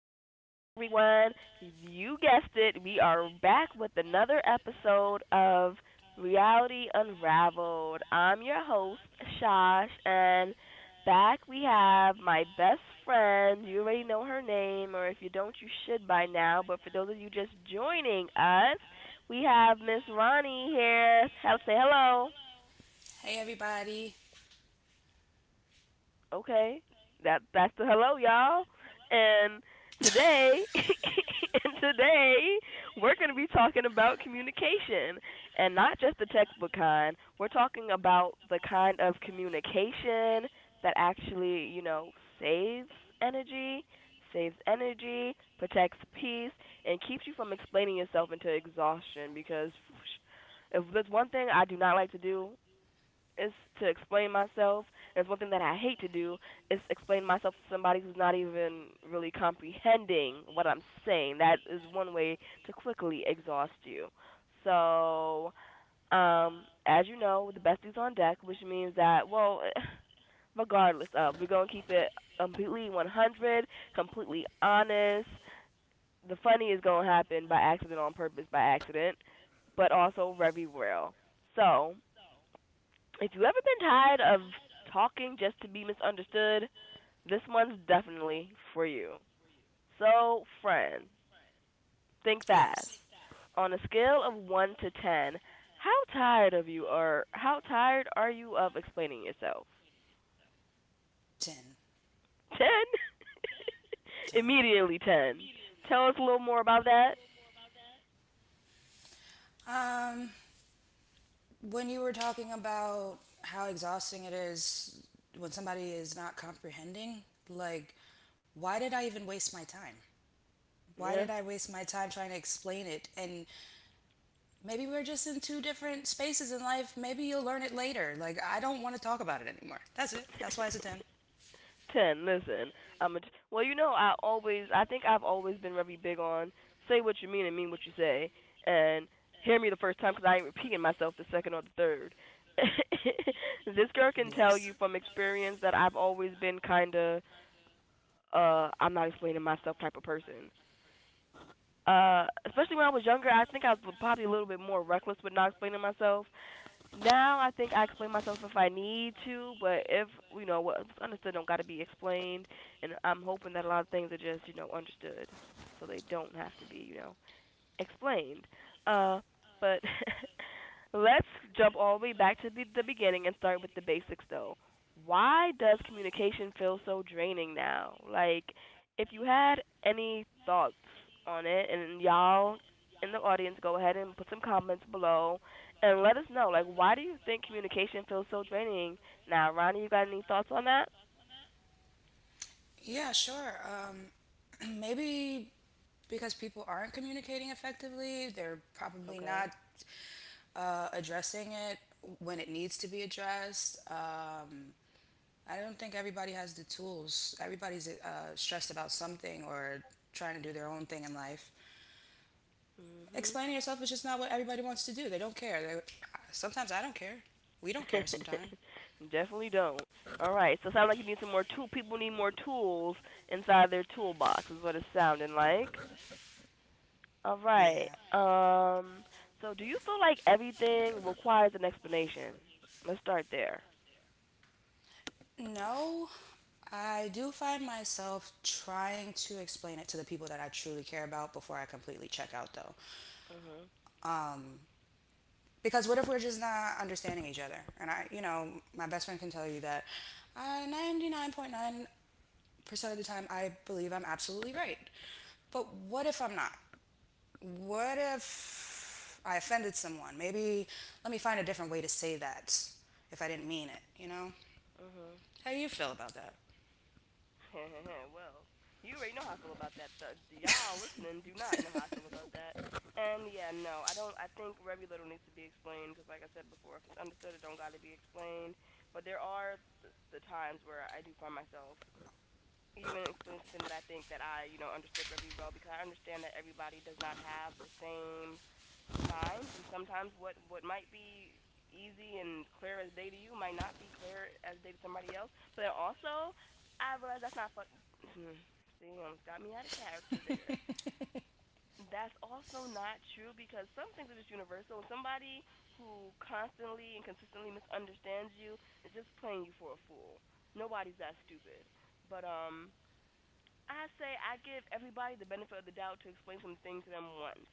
everyone. You guessed it. We are back with another episode of Reality Unraveled. I'm your host, Shosh, and back we have my best friend. You already know her name, or if you don't, you should by now. But for those of you just joining us, we have Miss Ronnie here. Have say hello. Hey everybody. Okay, that's the hello, y'all. And today, and today, we're going to be talking about communication, and not just the textbook kind. We're talking about the kind of communication that actually, saves energy, saves energy, protects peace, and keeps you from explaining yourself into exhaustion. Because if there's one thing I do not like to do, is to explain myself. And it's one thing that I hate to do is explain myself to somebody who's not even really comprehending what I'm saying. That is one way to quickly exhaust you. So, as you know, the besties on deck, which means that well, regardless of, we're gonna keep it completely 100, completely honest. The funny is gonna happen by accident, on purpose, by accident, but also very real. So, if you've ever been tired of talking just to be misunderstood, this one's definitely for you. So, friend, think fast. Yes. On a scale of 1 to 10, how tired are you of explaining yourself? 10. 10? 10. Immediately 10. Tell us a little more about that. Um when you were talking about how exhausting it is when somebody is not comprehending, like why did I even waste my time? Why did Yeah. I waste my time trying to explain it? And maybe we're just in two different spaces in life. Maybe you'll learn it later. Like I don't want to talk about it anymore. That's it. That's why it's a 10. Ten. Listen, well, I think I've always been very big on say what you mean and mean what you say, and hear me the first time because I ain't repeating myself the second or the third. This girl can tell Yes. you from experience that I've always been kind of, I'm not explaining myself type of person. Especially when I was younger, I think I was probably a little bit more reckless with not explaining myself. Now I think I explain myself if I need to, but if you know what's understood don't got to be explained, and I'm hoping that a lot of things are just you know understood, so they don't have to be you know explained. Uh, but let's jump all the way back to the beginning and start with the basics, though. Why does communication feel so draining now? Like, if you had any thoughts on it, and y'all in the audience, go ahead and put some comments below and let us know. Like, why do you think communication feels so draining now? Ronnie, you got any thoughts on that? Yeah, sure. Maybe because people aren't communicating effectively. They're probably not Okay. Addressing it when it needs to be addressed. I don't think everybody has the tools. Everybody's stressed about something or trying to do their own thing in life. Mhm. Explaining yourself is just not what everybody wants to do. They don't care. Sometimes I don't care. We don't care sometimes. Definitely don't. All right. So it sounds like you need some more tool. People need more tools inside their toolbox. Is what it's sounding like. All right. Yeah. So do you feel like everything requires an explanation? Let's start there. No, I do find myself trying to explain it to the people that I truly care about before I completely check out, though. Mhm. Because what if we're just not understanding each other? And you know, my best friend can tell you that 99.9% of the time I believe I'm absolutely right. But what if I'm not? What if I offended someone? Maybe let me find a different way to say that if I didn't mean it, you know? Mhm. How do you feel about that? Well, you already know how I feel about that. The, y'all listening do not know how I feel about that. And yeah, no, I don't. I think very little needs to be explained because, like I said before, if it's understood, it don't got to be explained. But there are the times where I do find myself even explain something that I think that I, you know, understood very well because I understand that everybody does not have the same minds, and sometimes what might be easy and clear as day to you might not be clear as day to somebody else. But also I realize that's not fucking. See, almost got me out of character there. That's also not true because some things are just universal. Somebody who constantly and consistently misunderstands you is just playing you for a fool. Nobody's that stupid. But, I say I give everybody the benefit of the doubt to explain something to them once.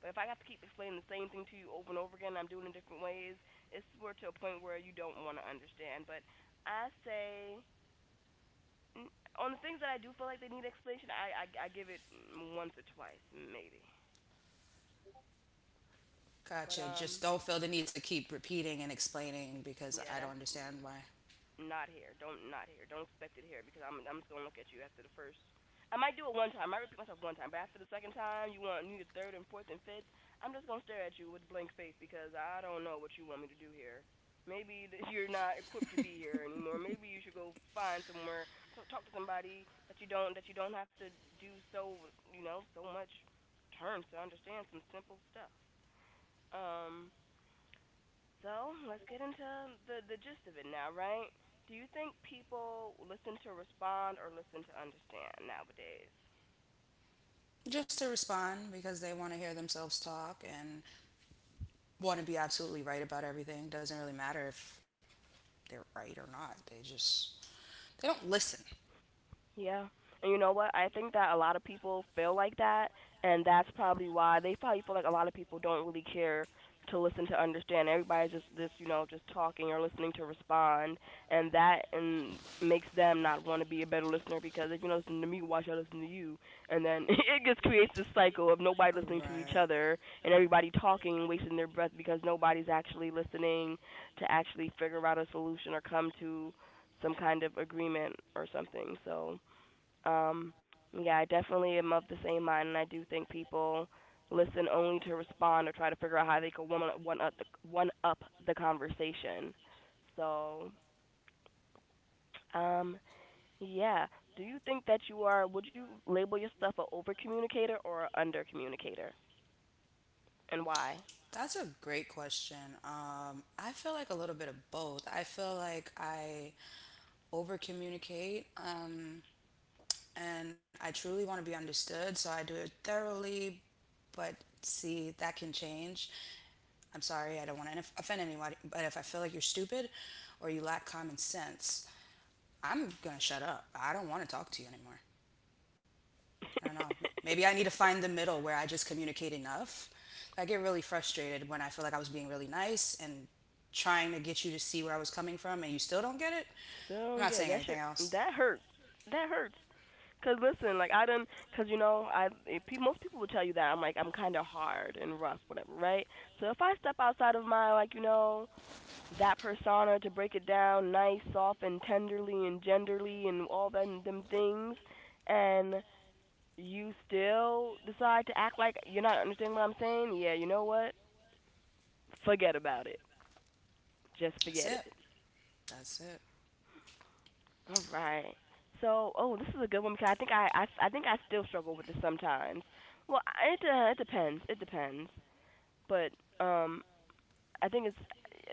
But if I have to keep explaining the same thing to you over and over again, I'm doing it in different ways. It's we're to a point where you don't want to understand. But I say on the things that I do feel like they need explanation, I give it once or twice maybe. But Gotcha. Just um, don't feel the need to keep repeating and explaining because yeah, I don't that's understand why. not here. Don't not here. Don't expect it here because I'm just gonna look at you after the first. I might do it one time. I might repeat myself one time, but after the second time, you need a third and fourth and fifth. I'm just gonna stare at you with a blank face because I don't know what you want me to do here. Maybe that you're not equipped to be here anymore. Maybe you should go find somewhere, so talk to somebody that you don't have to do so you know so much terms to understand some simple stuff. Um, so let's get into the gist of it now, right? Do you think people listen to respond or listen to understand nowadays? Just to respond because they want to hear themselves talk and want to be absolutely right about everything. It doesn't really matter if they're right or not. They just they don't listen. Yeah. And you know what? I think that a lot of people feel like that, and that's probably why they probably feel like a lot of people don't really care to listen to understand. Everybody's just this, you know, just talking or listening to respond, and makes them not want to be a better listener because if you don't listen to me, why should I listen to you? And then it just creates this cycle of Oh, nobody listening to right. each other and everybody talking and wasting their breath because nobody's actually listening to actually figure out a solution or come to some kind of agreement or something. So um, yeah, I definitely am of the same mind, and I do think people listen only to respond or try to figure out how they can one up the conversation. So, um, yeah. Do you think that you are? Would you label yourself an over communicator or an under communicator, and why? That's a great question. I feel like a little bit of both. I feel like I over communicate and I truly want to be understood, so I do it thoroughly, but see, that can change. I'm sorry, I don't want to offend anybody, but if I feel like you're stupid or you lack common sense, I'm going to shut up. I don't want to talk to you anymore. I don't know. Maybe I need to find the middle where I just communicate enough. I get really frustrated when I feel like I was being really nice and trying to get you to see where I was coming from and you still don't get it. Still I'm don't not get it. saying That anything shit. else. That hurt. That hurts. Cause listen, cause you know, most people would tell you that I'm kind of hard and rough, whatever, right? So if I step outside of my like you know that persona to break it down nice, soft, and tenderly and genderly and all them things, and you still decide to act like you're not understanding what I'm saying, yeah, you know what? Forget about it. Just That's forget it. it. That's it. All right. So, oh, this is a good one because I think I still struggle with this sometimes. Well, it depends. It depends. But um, I think it's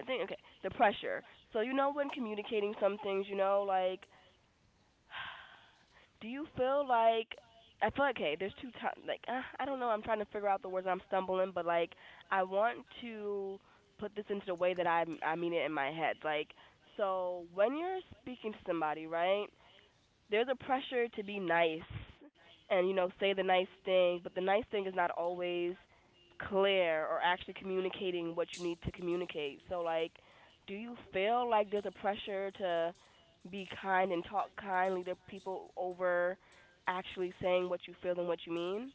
I think okay the pressure. So you know when communicating some things, you know like, do you feel like I feel like okay, there's two times like I don't know. I'm trying to figure out the words. I'm stumbling, but like I want to put this into the way that I mean it in my head. Like so when you're speaking to somebody, right? There's a pressure to be nice and you know say the nice thing, but the nice thing is not always clear or actually communicating what you need to communicate. So like, do you feel like there's a pressure to be kind and talk kindly to people over actually saying what you feel and what you mean?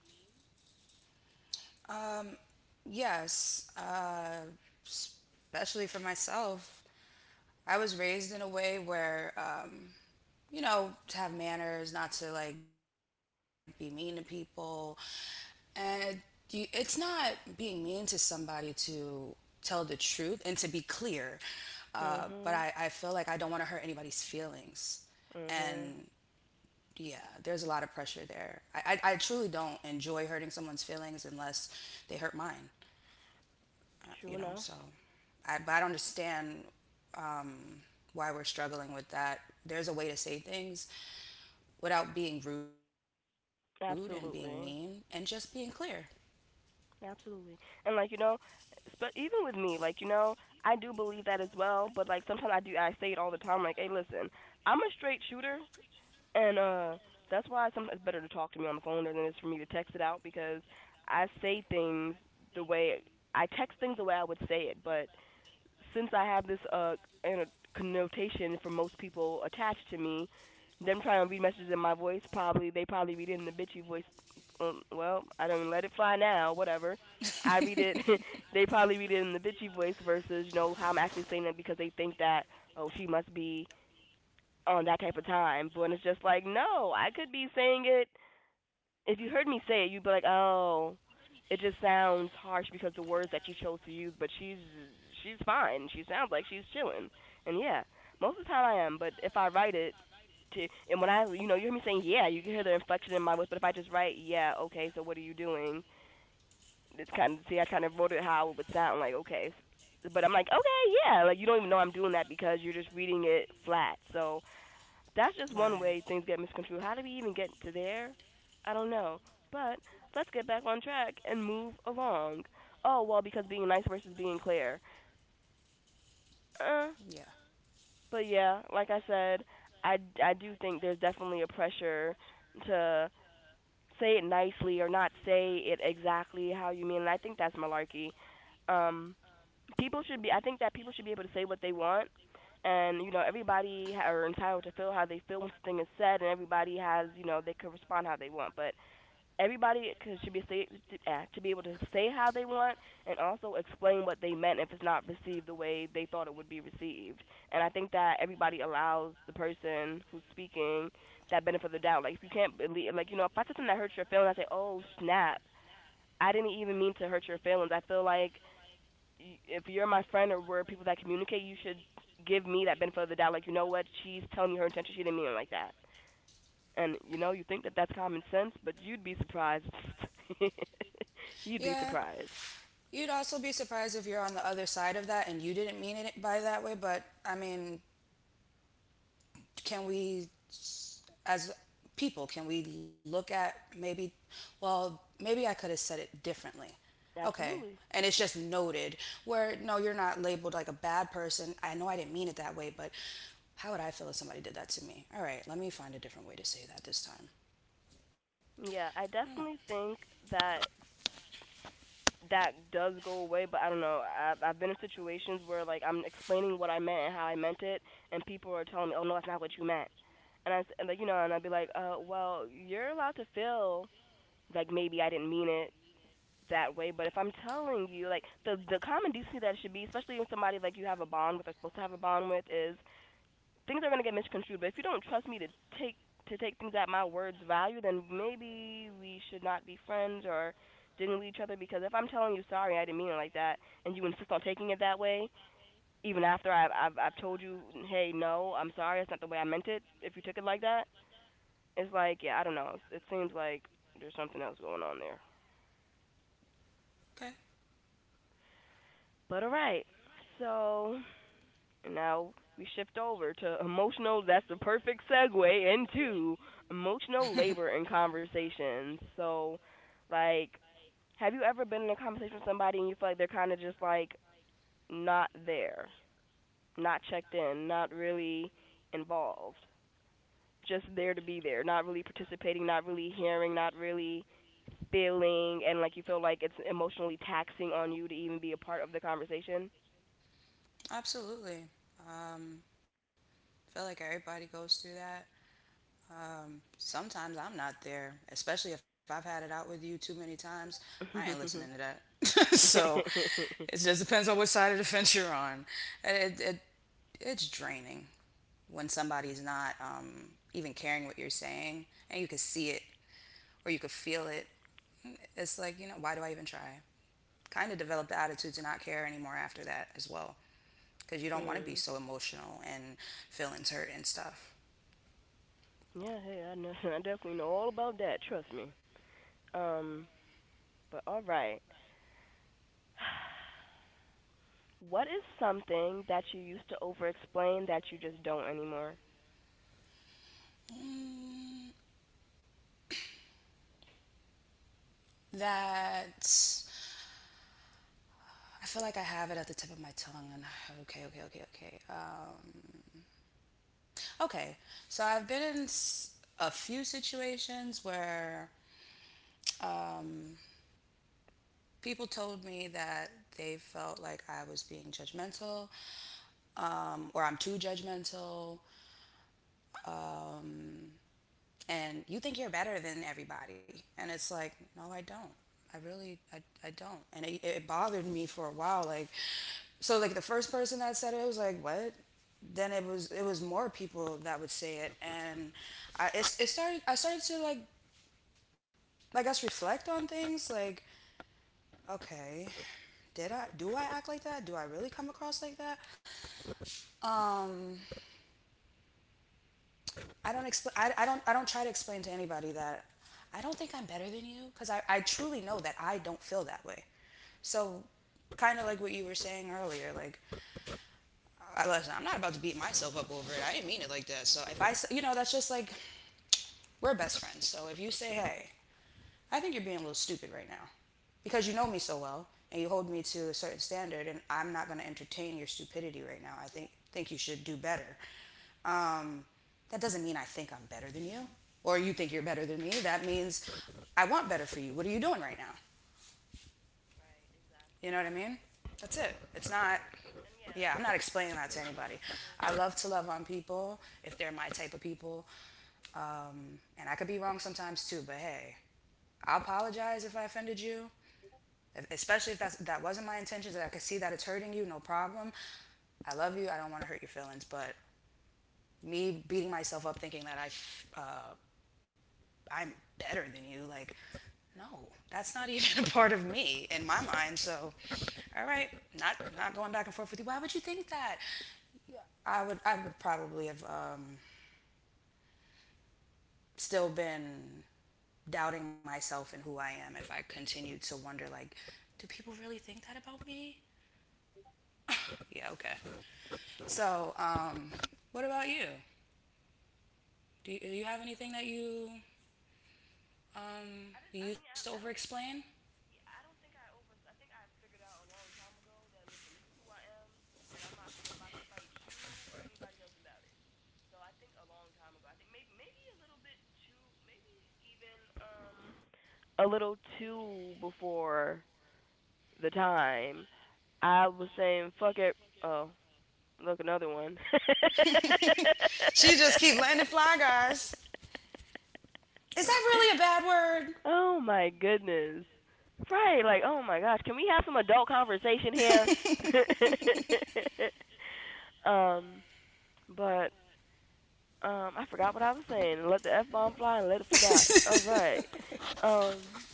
Um, yes, especially for myself, I was raised in a way where, you know, to have manners, not to like be mean to people, and it, it's not being mean to somebody to tell the truth and to be clear. I feel like I Mhm. don't want to hurt anybody's feelings, and Mhm. yeah, there's a lot of pressure there. I truly don't enjoy hurting someone's feelings unless they hurt mine you know True so enough. I but I don't understand um, why we're struggling with that. There's a way to say things without being rude and being mean and just being clear. Absolutely. Absolutely. And like, you know, but even with me, like, you know, I do believe that as well, but like sometimes I do I say it all the time like, "Hey, listen, I'm a straight shooter and that's why sometimes it's better to talk to me on the phone than it is for me to text it out because I say things the way I text things the way I would say it, but since I have this connotation for most people attached to me, them trying to read messages in my voice, probably they probably read it in the bitchy voice. Well, I don't let it fly now, whatever. I read it. They probably read it in the bitchy voice versus you know how I'm actually saying that because they think that oh she must be on that type of time. But it's just like no, I could be saying it if you heard me say it, you'd be like, "Oh, it just sounds harsh because the words that she chose to use." But she's fine. She sounds like she's chilling. And yeah, most of the time I am. But if I write it, to and when I you know you hear me saying yeah, you can hear the inflection in my voice. But if I just write yeah, okay, so what are you doing? It's kind of see I kind of wrote it how it would sound like okay. But I'm like, okay, yeah, like you don't even know I'm doing that because you're just reading it flat. So that's just one Right. way things get misconstrued. How do we even get to there? I don't know. But let's get back on track and move along. Oh, well, because being nice versus being clear. Uh, Yeah, but yeah, like I said, I do think there's definitely a pressure to say it nicely or not say it exactly how you mean. And I think that's malarkey. Um, People should be. I think that people should be able to say what they want, and you know everybody are entitled to feel how they feel when something is said, and everybody has you know they can respond how they want. But everybody should be say, should be able to say how they want and also explain what they meant if it's not received the way they thought it would be received. And I think that everybody allows the person who's speaking that benefit of the doubt. Like if you can't believe, like you know, if I said something that hurts your feelings, I say, "Oh snap, I didn't even mean to hurt your feelings." I feel like if you're my friend or we're people that communicate, you should give me that benefit of the doubt. Like you know what, she's telling me her intention, she didn't mean it like that. And you know, you think that that's common sense, but you'd be surprised. You'd be yeah, surprised. you'd also be surprised if you're on the other side of that and you didn't mean it by that way but I mean, can we as people can we look at maybe well maybe I could have said it differently. Okay, Absolutely. and it's just noted where no you're not labeled like a bad person. I know I didn't mean it that way but how would I feel if somebody did that to me? All right, let me find a different way to say that this time. Yeah, I I don't know. definitely think that that does go away, but I don't know. I've been in situations where like I'm explaining what I meant and how I meant it, and people are telling me, "Oh no, that's not what you meant," and like you know, and I'd be like, well, you're allowed to feel like maybe I didn't mean it that way, but if I'm telling you, like the common decency that it should be, especially with somebody like you have a bond with or supposed to have a bond with, is things are going to get misconstrued. But if you don't trust me take to take things at my word's value, then maybe we should not be friends or digging each other. Because if I'm telling you sorry, I didn't mean it like that, and you insist on taking it that way, even after I've told you, hey, no, I'm sorry, it's not the way I meant it. If you took it like that, it's like, yeah, I don't know. It seems like there's something else going on there. Okay. But alright, so and now we shift over to emotional. That's the perfect segue into emotional labor and conversations. So, like, have you ever been in a conversation with somebody and you feel like they're kind of just like not there, not checked in, not really involved, just there to be there, not really participating, not really hearing, not really feeling, and like you feel like it's emotionally taxing on you to even be a part of the conversation? Absolutely. um I feel like everybody goes through that. Sometimes I'm not there, especially if I've had it out with you too many times. I ain't listening to that. So it just depends on what side of the fence you're on. It, it, it's draining when somebody's not even caring what you're saying and you can see it or you can feel it. It's like, you know, why do I even try? Kind of develop the attitude to not care anymore after that as well because you don't want to be Mm. so emotional and feelings hurt and stuff. Yeah, hey, I know. I definitely know all about that. Trust me. Um, but all right. What is something that you used to over explain that you just don't anymore? Mm, that I feel like I have it at the tip of my tongue. And okay. Okay, so I've been in a few situations where people told me that they felt like I was being judgmental or I'm too judgmental and you think you're better than everybody and it's like no I don't, i really i, I don't. And it bothered me for a while like so like the first person that said it, it was like what. Then it was more people that would say it and it started. I started to like I guess reflect on things like okay, did I do I act like that? Do I really come across like that? um I don't explain. I don't try to explain to anybody that I don't think I'm better than you because I truly know that I don't feel that way. So, kind of like what you were saying earlier, like, listen, I'm not about to beat myself up over it. I didn't mean it like that. So if you know, that's just like we're best friends. So if you say, hey, I think you're being a little stupid right now, because you know me so well and you hold me to a certain standard, and I'm not going to entertain your stupidity right now. I think you should do better. um, that doesn't mean I think I'm better than you or you think you're better than me. That means I want better for you. What are you doing right now? You know what I mean? That's it. It's not, yeah, I'm not explaining that to anybody. I love to love on people if they're my type of people. And I could be wrong sometimes too, but hey, I apologize if I offended you, especially if that wasn't my intentions, and I could see that it's hurting you, no problem. I love you. I don't want to hurt your feelings, but me beating myself up thinking that I'm better than you. Like, no, that's not even a part of me in my mind. So, all right, not going back and forth with you. Why would you think that? Yeah, I would probably have still been doubting myself and who I am if I continued to wonder like, do people really think that about me? Yeah, okay. So, what about you? Do do you have anything that you I you did used to over explain? time ago that listen, this is who I am, and I'm not finna about to fight you or anybody else about it. So I think a long time ago, I think a little too before the time, I was saying, fuck it. Oh, look, another one. She just keep landing fly guys. Is that really a bad word? Oh my goodness. Right, like oh my gosh, can we have some adult conversation here? um, but I forgot what I was saying. Let the F bomb fly and let it forgot. All right. Um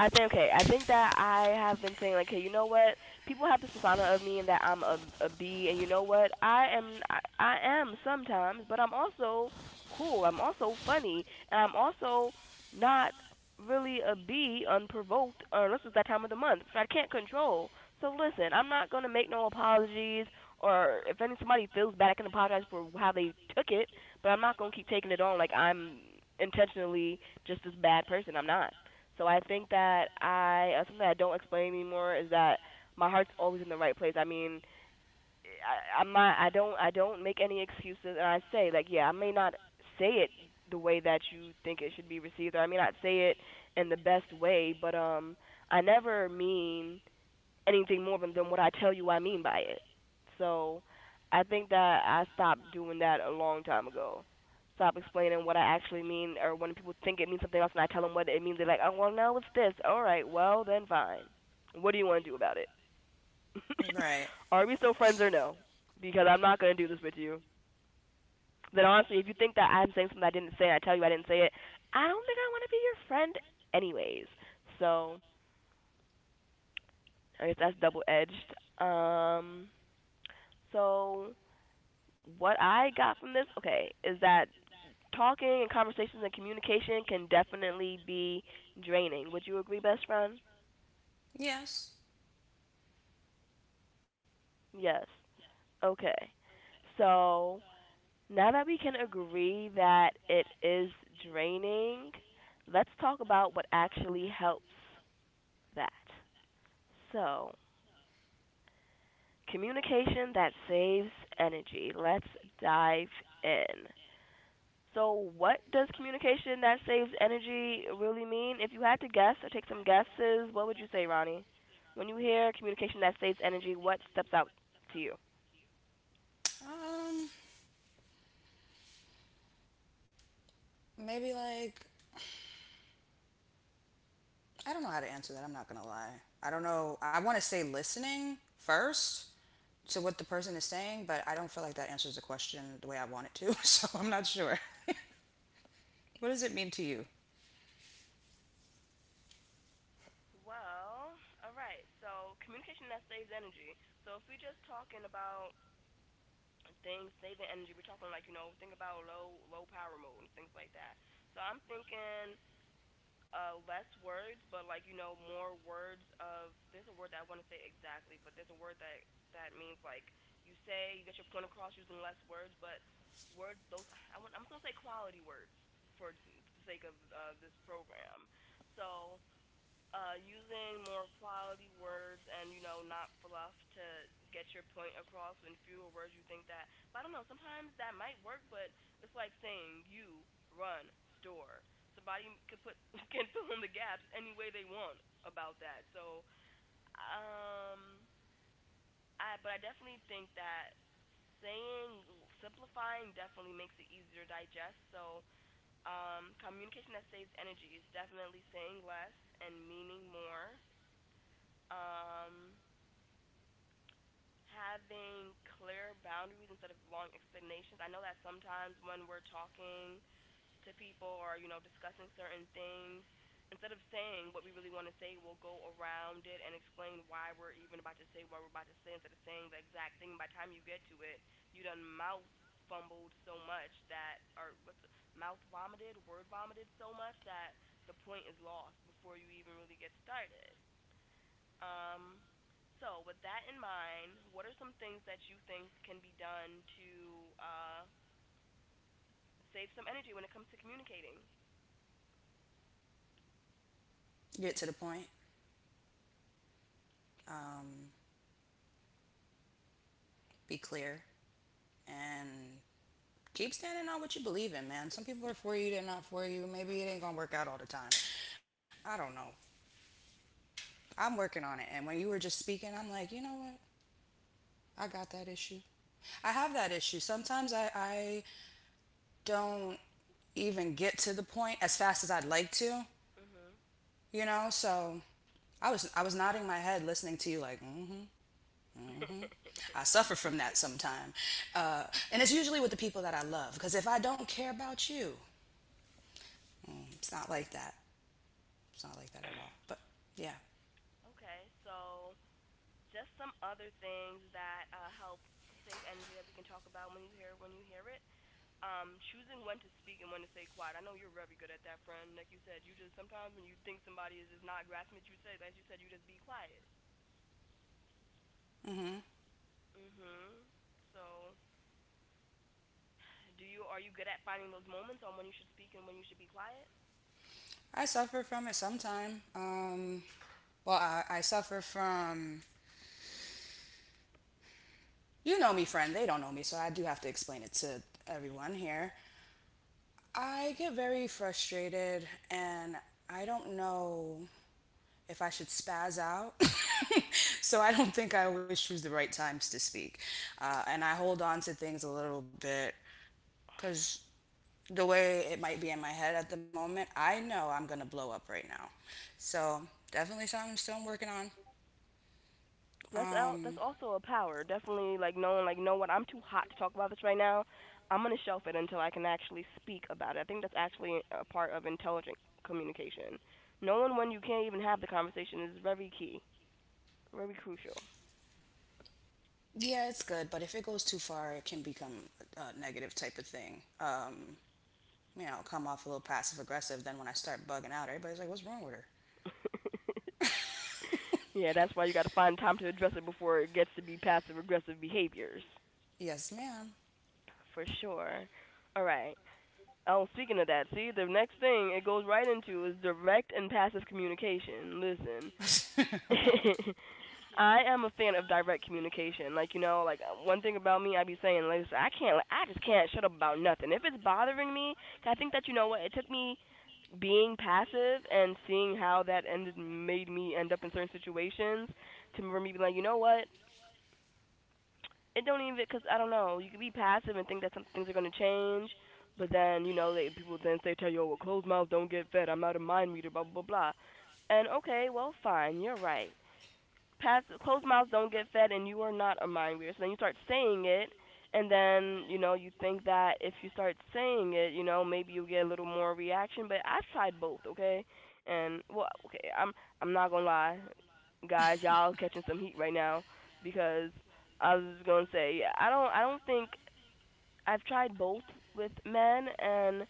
I think okay. I think that I have been saying like, hey, you know what? People have this persona of me and that I'm a B, and you know what? I am I am sometimes, but I'm also cool. I'm also funny, and I'm also not really a B unprovoked or unless it's that time of the month, which I can't control. So listen, I'm not gonna make no apologies, or if any somebody feels bad, I can apologize for how they took it, but I'm not gonna keep taking it on like I'm intentionally just this bad person. I'm not. So I think that I something that I don't explain anymore is that my heart's always in the right place. I mean, I, I'm not. I don't. I don't make any excuses, and I say like, yeah, I may not say it the way that you think it should be received, or I may not say it in the best way, but I never mean anything more than, what I tell you I mean by it. So I think that I stopped doing that a long time ago. Stop explaining what I actually mean, or when people think it means something else and I tell them what it means, they're like, oh, well, no, it's this. All right, well, then fine. What do you want to do about it? Right. Are we still friends or no? Because I'm not going to do this with you. Then honestly, if you think that I'm saying something I didn't say and I tell you I didn't say it, I don't think I want to be your friend anyways. So I guess that's double edged. Um, so what I got from this, okay, is that talking and conversations and communication can definitely be draining. Would you agree, best friend? Yes. Yes. Okay. So now that we can agree that it is draining, let's talk about what actually helps that. So, communication that saves energy. Let's dive in. So, what does communication that saves energy really mean? If you had to guess or take some guesses, what would you say, Ronnie? When you hear communication that saves energy, what steps out to you? Um, maybe like I don't know how to answer that. I'm not gonna lie. I don't know. I want to say listening first to what the person is saying, but I don't feel like that answers the question the way I want it to. So I'm not sure. What does it mean to you? Well, all right. So communication that saves energy. So if we're just talking about things saving energy, we're talking like you know think about low power mode and things like that. So I'm thinking less words but like you know more words of there's a word that I want to say exactly but there's a word that means like you say you get your point across using less words but words those I want I'm just gonna say quality words for the sake of this program so using more quality words and you know not fluff to get your point across in fewer words you think that but I don't know sometimes that might work but it's like saying you run store somebody can put can fill in the gaps any way they want about that so um I but I definitely think that saying simplifying definitely makes it easier to digest so communication that saves energy is definitely saying less and meaning more, um, having clear boundaries instead of long explanations. I know that sometimes when we're talking to people or you know discussing certain things, instead of saying what we really want to say, we'll go around it and explain why we're even about to say what we're about to say instead of saying the exact thing. By the time you get to it, you done mouth fumbled so much that mouth vomited, word vomited so much that the point is lost before you even really get started. Um, so with that in mind, what are some things that you think can be done to uh, save some energy when it comes to communicating? Get to the point. Um, be clear and keep standing on what you believe in, man. Some people are for you, they're not for you. Maybe it ain't gonna work out all the time. I don't know. I'm working on it. And when you were just speaking, I'm like, you know what? I got that issue. I have that issue. Sometimes I don't even get to the point as fast as I'd like to, Mhm. you know? So I was nodding my head listening to you like, mm-hmm, mm-hmm. I suffer from that sometime. Uh, and it's usually with the people that I love because if I don't care about you, mm, it's not like that. It's not like that at all. But yeah, Okay. So just some other things that help save energy that we can talk about when you hear it. Choosing when to speak and when to stay quiet. I know you're very good at that, friend. Like you said, you just sometimes when you think somebody is just not grasping it, you say, as you said, you just be quiet. Mhm. So do you are you good at finding those moments on when you should speak and when you should be quiet? I suffer from it sometime. Well, I suffer from, you know me, friend. They don't know me, so I do have to explain it to everyone here. I get very frustrated and I don't know if I should spaz out. So I don't think I always choose the right times to speak. And I hold on to things a little bit because the way it might be in my head at the moment, I know I'm going to blow up right now. So definitely something I'm still working on. That's out. That's also a power. Definitely, like knowing, like, know what I'm too hot to talk about this right now. I'm gonna shelf it until I can actually speak about it. I think that's actually a part of intelligent communication. Knowing when you can't even have the conversation is very key, very crucial. Yeah, it's good, but if it goes too far, it can become a negative type of thing. You know, come off a little passive aggressive. Then when I start bugging out, everybody's like, what's wrong with her? Yeah, that's why you got to find time to address it before it gets to be passive aggressive behaviors, Yes, ma'am. for sure. All right. Oh, speaking of that, see, the next thing it goes right into is direct and passive communication. Listen, I am a fan of direct communication. Like, one thing about me, I be saying, listen, I can't, like, I just can't shut up about nothing. If it's bothering me, I think that, you know what, it took me being passive and seeing how that ended made me end up in certain situations to for me be like, you know what, it don't even, because I don't know. You can be passive and think that some things are gonna change, but then, you know, they people then say tell you, oh, well, closed mouths don't get fed. I'm not a mind reader, blah blah blah, blah. And okay, well, fine, you're right. Past closed mouths don't get fed, and you are not a mind reader. So then you start saying it, and then, you know, you think that if you start saying it, you know, maybe you get a little more reaction. But I've tried both, okay? And well, okay, I'm not gonna lie, guys, y'all catching some heat right now because I was just gonna say, yeah, I don't think I've tried both with men, and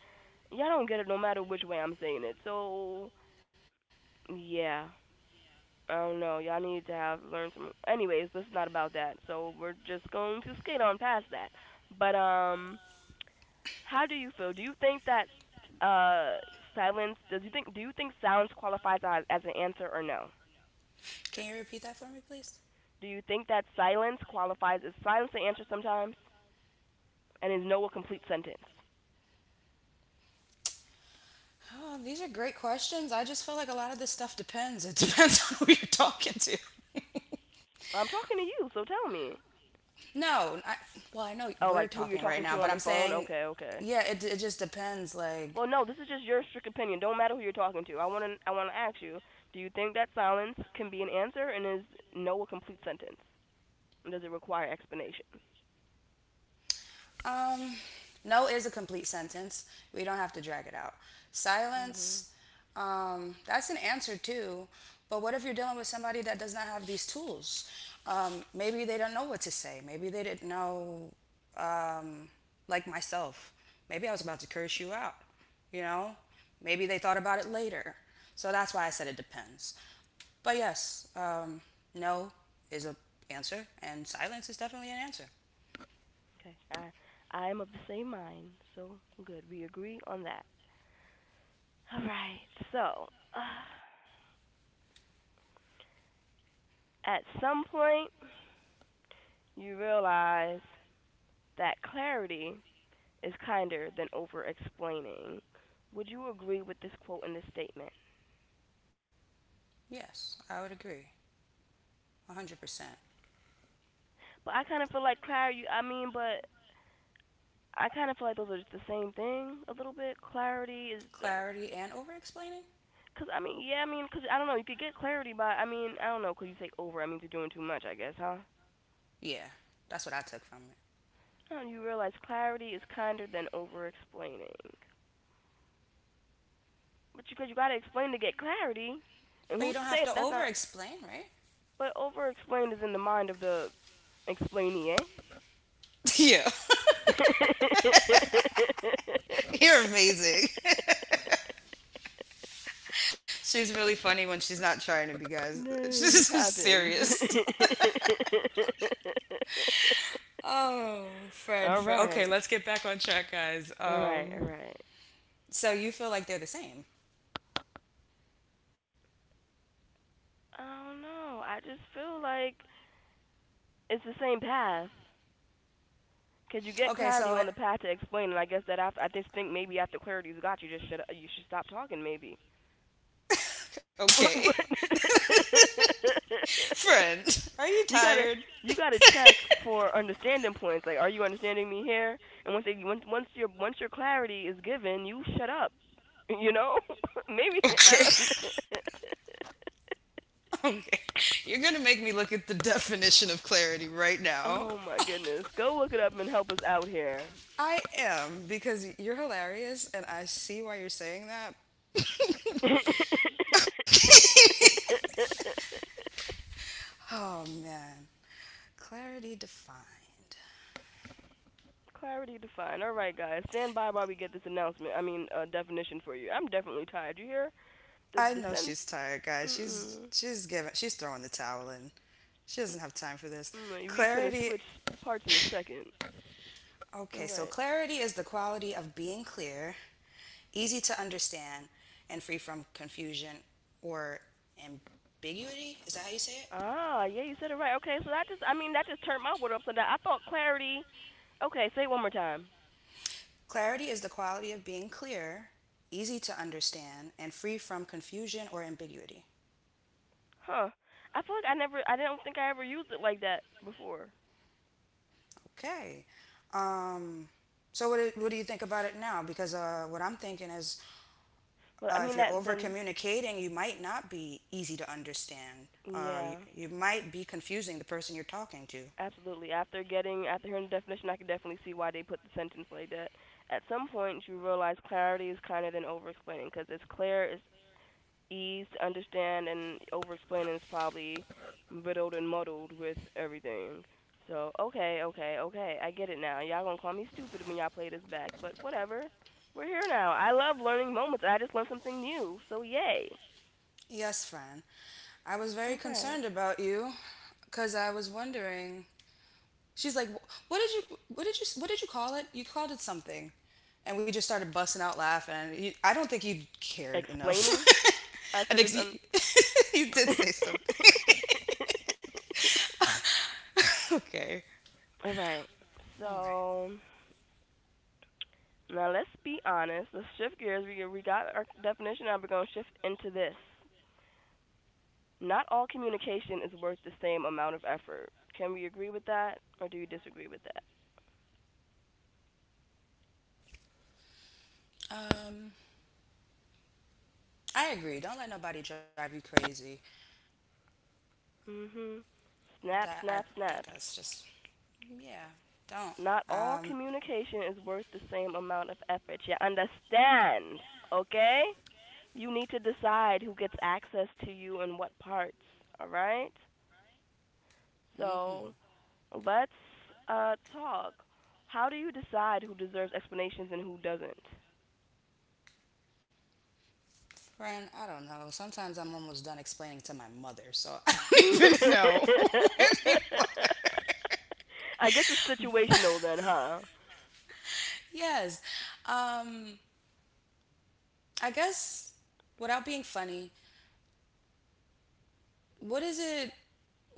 y'all don't get it no matter which way I'm saying it. So yeah, I don't know. Y'all need to have learned some. Anyways, this is not about that, so we're just going to skate on past that. But how do you feel? Do you think that uh silence? Does you think? Do you think silence qualifies as an answer or no? Can you repeat that for me, please? Do you think that silence qualifies? Is silence an answer sometimes? And is no a complete sentence? Oh, these are great questions. I just feel like a lot of this stuff depends. It depends on who you're talking to. Well, I'm talking to you, so tell me. No, well, I know Oh, we're like who talking you're right now, talking but to I'm on the phone? saying, Okay, okay. yeah, it just depends. Like, Well, no, this is just your strict opinion. Don't matter who you're talking to. I want to ask you, do you think that silence can be an answer, and is no a complete sentence? And does it require explanation? Um, no is a complete sentence. We don't have to drag it out. Silence, Mhm. That's an answer too. But what if you're dealing with somebody that does not have these tools? Maybe they don't know what to say. Maybe they didn't know, like myself. Maybe I was about to curse you out. You know, Maybe they thought about it later. So that's why I said it depends. But yes, no is an answer, and silence is definitely an answer. Okay. I am of the same mind. So, good. We agree on that. All right. So, at some point you realize that clarity is kinder than over explaining. Would you agree with this quote and this statement? Yes, I would agree, 100%. But I kind of feel like clarity, I mean, but I kind of feel like those are just the same thing a little bit. Clarity is, Clarity and over explaining? because I mean, yeah, I mean, because I don't know, you could get clarity by, I mean, I don't know, because you say over, I mean, you're doing too much, I guess, huh? Yeah, that's what I took from it. Oh, you realize clarity is kinder than over explaining, but because you gotta explain to get clarity, and But you who's to don't have say to that's over not? explain, right? But over explained is in the mind of the explainee, eh? Yeah, you're amazing. She's really funny when she's not trying to be, guys. No, it She's so just happens. serious. Oh, Fred, All Fred. Okay, right, let's get back on track, guys. all right, Um, all right. so you feel like they're the same. I don't know. I just feel like it's the same path. Cause you get Okay, clarity on so the path to explain, and I guess that after, I just think maybe after clarity's got you, just should you should stop talking maybe. But, Okay, but friend, are you you gotta tired? you gotta check for understanding points. Like, are you understanding me here? And once they once once your clarity is given, you shut up. You know, maybe. Okay, okay. You're gonna make me look at the definition of clarity right Oh now. my goodness, go look it up and help us out here. I am because you're hilarious and I see why you're saying that. Oh man. Clarity defined. Clarity defined. All right, guys, stand by while we get this announcement. I mean, definition for you. I'm definitely tired. You hear the I the know sense? she's tired, guys. She's Mm-mm. she's giving she's throwing the towel in. She doesn't have time for this. Mm, we finna Clarity switch parts in a second. All okay, so right. clarity is the quality of being clear, easy to understand, and free from confusion or ambiguity. Is that how you say it? Ah, yeah, you said it right. Okay, so that just, I mean, that just turned my world upside down. I thought clarity. Okay, say it one more time. Clarity is the quality of being clear, easy to understand, and free from confusion or ambiguity. Huh. I feel like I never, I don't think I ever used it like that before. Okay. Um, so what do you think about it now? Because what I'm thinking is, Well, I mean if you're that over then, communicating, you might not be easy to understand. Uh, yeah. you, you might be confusing the person you're talking to. Absolutely. After hearing the definition, I can definitely see why they put the sentence like that. At some point, you realize clarity is kinder than over explaining because it's clear, it's easy to understand, and over explaining is probably riddled and muddled with everything. So okay, okay, okay, I get it now. Y'all gonna call me stupid when y'all play this back, but whatever. We're here now. I love learning moments. I just learned something new, so yay. Yes, friend. I was All very right. concerned about you because I was wondering. She's like, "What did you? What did you? What did you call it? You called it something," and we just started busting out laughing. I don't think you cared enough. Explaining. I I said think it's un. you, you did say something. Okay. All right. All right. So now let's be honest. Let's shift gears. We got our definition. Now we're gonna shift into this. Not all communication is worth the same amount of effort. Can we agree with that, or do you disagree with that? Um, I agree. Don't let nobody drive you crazy. Mm, mhm. Snap, That I snap, think snaps. that's just yeah. Don't. Not all Um, communication is worth the same amount of effort. You understand? Okay? You need to decide who gets access to you and what parts. All right? mhm. So let's talk. How do you decide who deserves explanations and who doesn't? Friend, I don't know. Sometimes I'm almost done explaining to my mother, so I don't even know anymore. I guess it's situational then, huh? Yes. Um, I guess without being funny, what is it?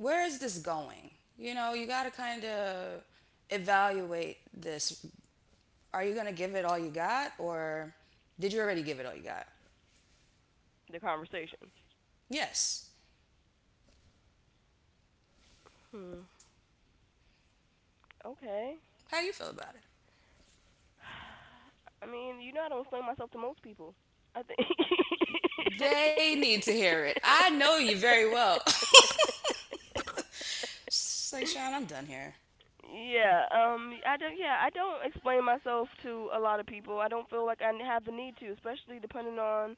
Where is this going? You got to kind of evaluate this. Are you going to give it all you got, or did you already give it all you got? The conversation. Yes. Hmm. Okay. How you feel about it? I mean, you know, I don't explain myself to most people. I think, They need to hear it. I know you very well. She's like, Sean, I'm done here. yeah, I don't, yeah, I don't explain myself to a lot of people. I don't feel like I have the need to, especially depending on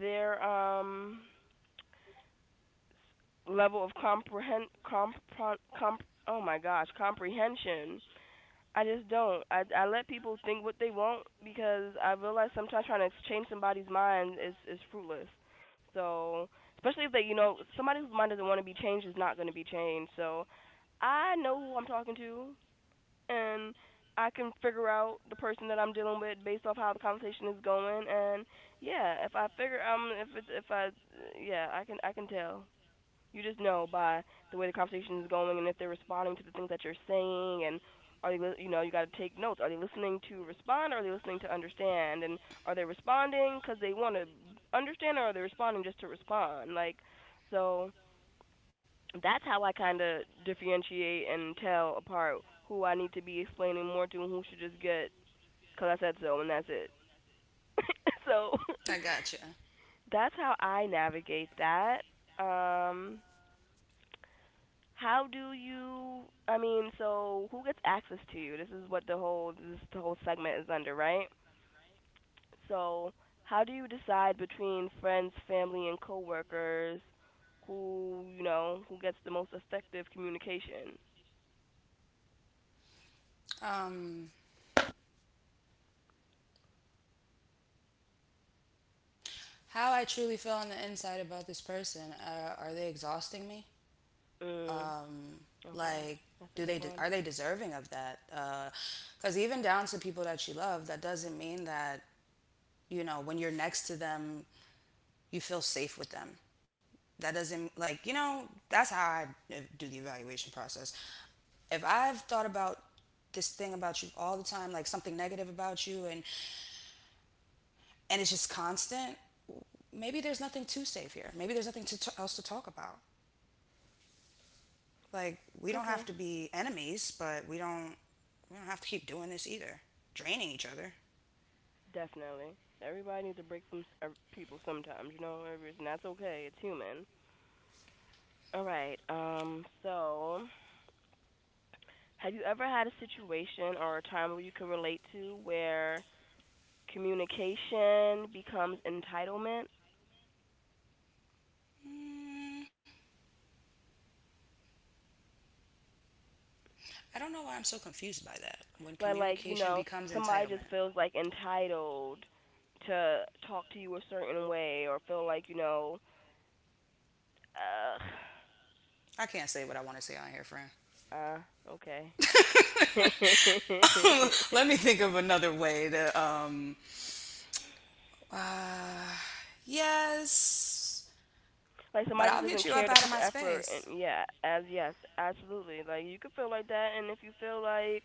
their level of comprehend comp, comp oh my gosh, comprehension. I just don't, I let people think what they want because I realize sometimes trying to change somebody's mind is fruitless. So, especially if they, you know, somebody whose mind doesn't want to be changed is not going to be changed. So I know who I'm talking to, and I can figure out the person that I'm dealing with based off how the conversation is going, and yeah, if I figure, if it's, if I, yeah, I can tell. You just know by the way the conversation is going, and if they're responding to the things that you're saying, and are they, you know, you got to take notes. Are they listening to respond, or are they listening to understand? And are they responding because they want to understand, or are they responding just to respond? Like, so that's how I kind of differentiate and tell apart who I need to be explaining more to and who should just get because I said so and that's it. So I gotcha. that's how I navigate that. Um, How do you? I mean, so who gets access to you? This is what the whole, this the whole segment is under, right? So how do you decide between friends, family, and coworkers? Who, you know, who gets the most effective communication? Um, how I truly feel on the inside about this person. Are they exhausting me? Mm, okay, Like, that's a good one. are they deserving of that? Because even down to people that you love, that doesn't mean that, you know, when you're next to them, you feel safe with them, that doesn't, like, that's how I do the evaluation process. If I've thought about this thing about you all the time, like something negative about you, and it's just constant, maybe there's nothing too safe here. Maybe there's nothing else to talk about. Like, we don't Okay, have to be enemies, but we don't have to keep doing this either, draining each other. definitely. Everybody needs a break from people sometimes, you know. And that's okay. It's human. All right. So have you ever had a situation or a time where you can relate to where communication becomes entitlement? Mm, I don't know why I'm so confused by that. When Like, you communication know, becomes somebody just entitlement. feels like entitled to talk to you a certain way or feel like, you know, I can't say what I want to say on here, friend. uh, uh, okay. Let me think of another way to. Yes, Like but somebody I'll just get doesn't you care up to out put of my the effort, space. and yeah, as yes, absolutely. Like you could feel like that, and if you feel like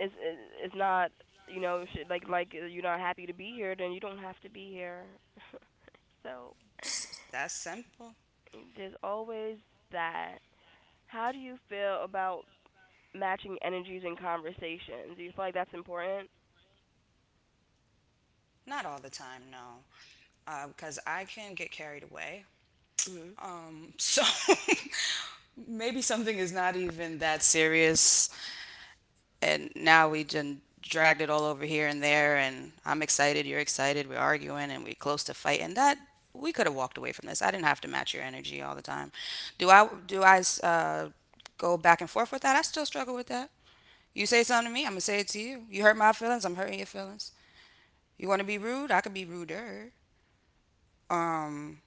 is is is not, you know, should, like, you're not happy to be here, then you don't have to be here. So That's simple. there's always that. How do you feel about matching energies in conversations? Do you feel like that's important? Not all the time, no, because I can get carried away. Mhm. Um, so maybe something is not even that serious, and now we just dragged it all over here and there, and I'm excited, you're excited, we're arguing, and we're close to fight, and that we could have walked away from this. I didn't have to match your energy all the time. Do I go back and forth with that. I still struggle with that. You say something to me, I'm gonna say it to you. You hurt my feelings, I'm hurting your feelings. You want to be rude, I could be ruder. Um,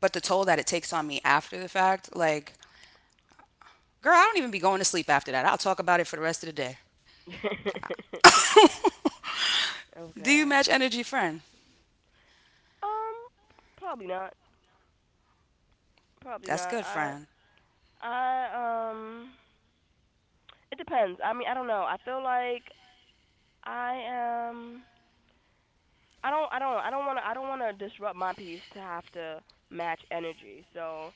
But the toll that it takes on me after the fact, like, girl, I don't even be going to sleep after that. I'll talk about it for the rest of the day. Do you Okay. match energy, friend? Um, Probably not. Probably That's not. good, I friend. I it depends. I mean, I don't know. I feel like I am I don't want to disrupt my piece to have to match energy. So,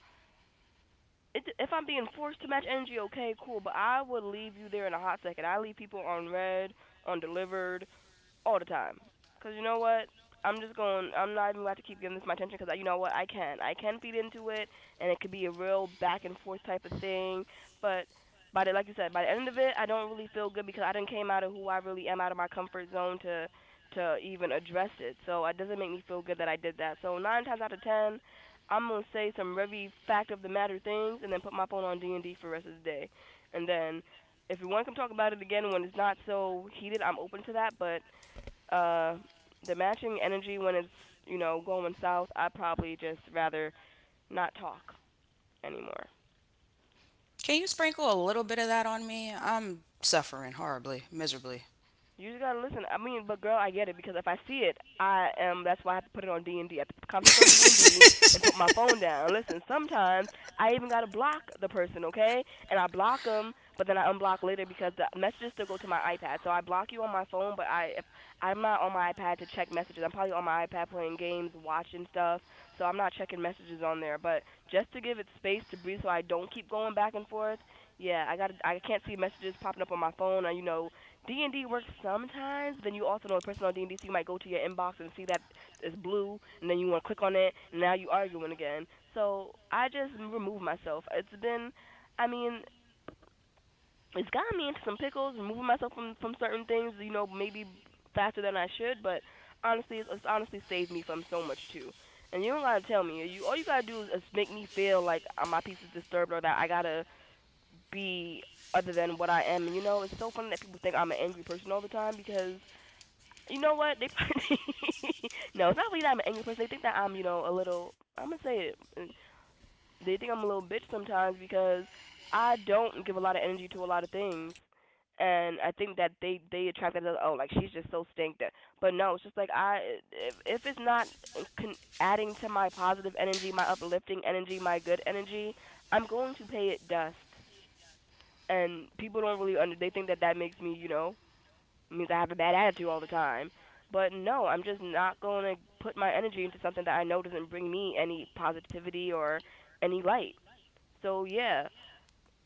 it, if I'm being forced to match energy, okay, cool. But I would leave you there in a hot second. I leave people on red, on delivered, all the time. Cause you know what? I'm just going. I'm not even about to keep giving this my attention because you know what? I can feed into it, and it could be a real back and forth type of thing. But by the, like you said, by the end of it, I don't really feel good because I didn't came out of who I really am, out of my comfort zone to even address it. So it doesn't make me feel good that I did that. So, nine times out of ten, I'm gonna say some very fact of the matter things, and then put my phone on DND for the rest of the day. And then if you want to come talk about it again when it's not so heated, I'm open to that. But uh the matching energy when it's, you know, going south, I'd probably just rather not talk anymore. Can you sprinkle a little bit of that on me? I'm suffering horribly, miserably. You just gotta listen. I mean, but girl, I get it because if I see it, I am. That's why I have to put it on D and D. I have to put the conversation on D and D and put my phone down. Listen, sometimes I even gotta block the person, okay? And I block them, but then I unblock later because the messages still go to my iPad. So I block you on my phone, but I if I'm not on my iPad to check messages. I'm probably on my iPad playing games, watching stuff. So I'm not checking messages on there. But just to give it space to breathe, so I don't keep going back and forth. Yeah, I got. I can't see messages popping up on my phone. Or, D and D works sometimes, but then you also know a person on D and D, so you might go to your inbox and see that it's blue, and then you want to click on it, and now you are arguing again. So I just remove myself. I mean, it's gotten me into some pickles, removing myself from certain things, maybe faster than I should, but honestly, it's honestly saved me from so much too. And you don't gotta tell me. You all you gotta do is make me feel like my peace is disturbed or that I gotta be other than what I am. And it's so funny that people think I'm an angry person all the time because you know what? They probably no, it's not really that I'm an angry person. They think that I'm a little. I'm gonna say it. They think I'm a little bitch sometimes because I don't give a lot of energy to a lot of things. And I think that they attract that, oh, like she's just so stink that, but no, it's just like I if it's not adding to my positive energy, my uplifting energy, my good energy, I'm going to pay it dust. And people don't really under they think that that makes me means I have a bad attitude all the time. But no, I'm just not going to put my energy into something that I know doesn't bring me any positivity or any light. So yeah,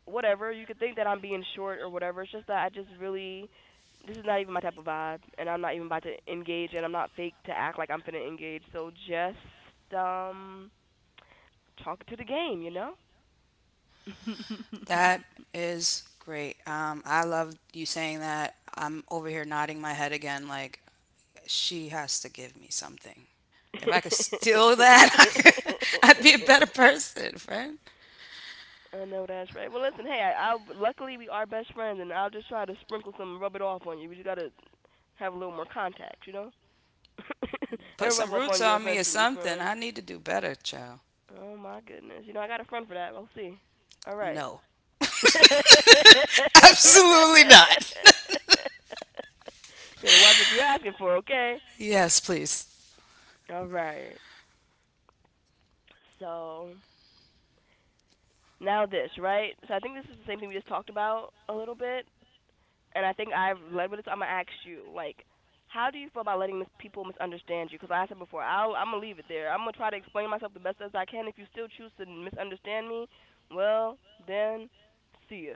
whatever. You could think that I'm being short or whatever. It's just that I just really this is not even my type of vibe, and I'm not even about to engage, and I'm not fake to act like I'm finna engage. So just talk to the game, you know? That is great. I love you saying that. I'm over here nodding my head again, like she has to give me something. If I could steal that, I would be a better person, friend. I know that's right. Well, listen, hey, I luckily we are best friends, and I'll just try to sprinkle some, and rub it off on you. We just gotta have a little more contact, you know. Put And rub some off on roots you on me or eventually, something. friend. I need to do better, child. Oh my goodness, you know I got a friend for that. We'll see. All right. No, You absolutely not. gotta watch what you're asking for, okay? Yes, please. All right. So now this, right? So I think this is the same thing we just talked about a little bit. And I think I've led with this. I'm gonna ask you, like, how do you feel about letting people misunderstand you? Because like I said before, I'm gonna leave it there. I'm gonna try to explain myself the best as I can. If you still choose to misunderstand me, well, then see ya.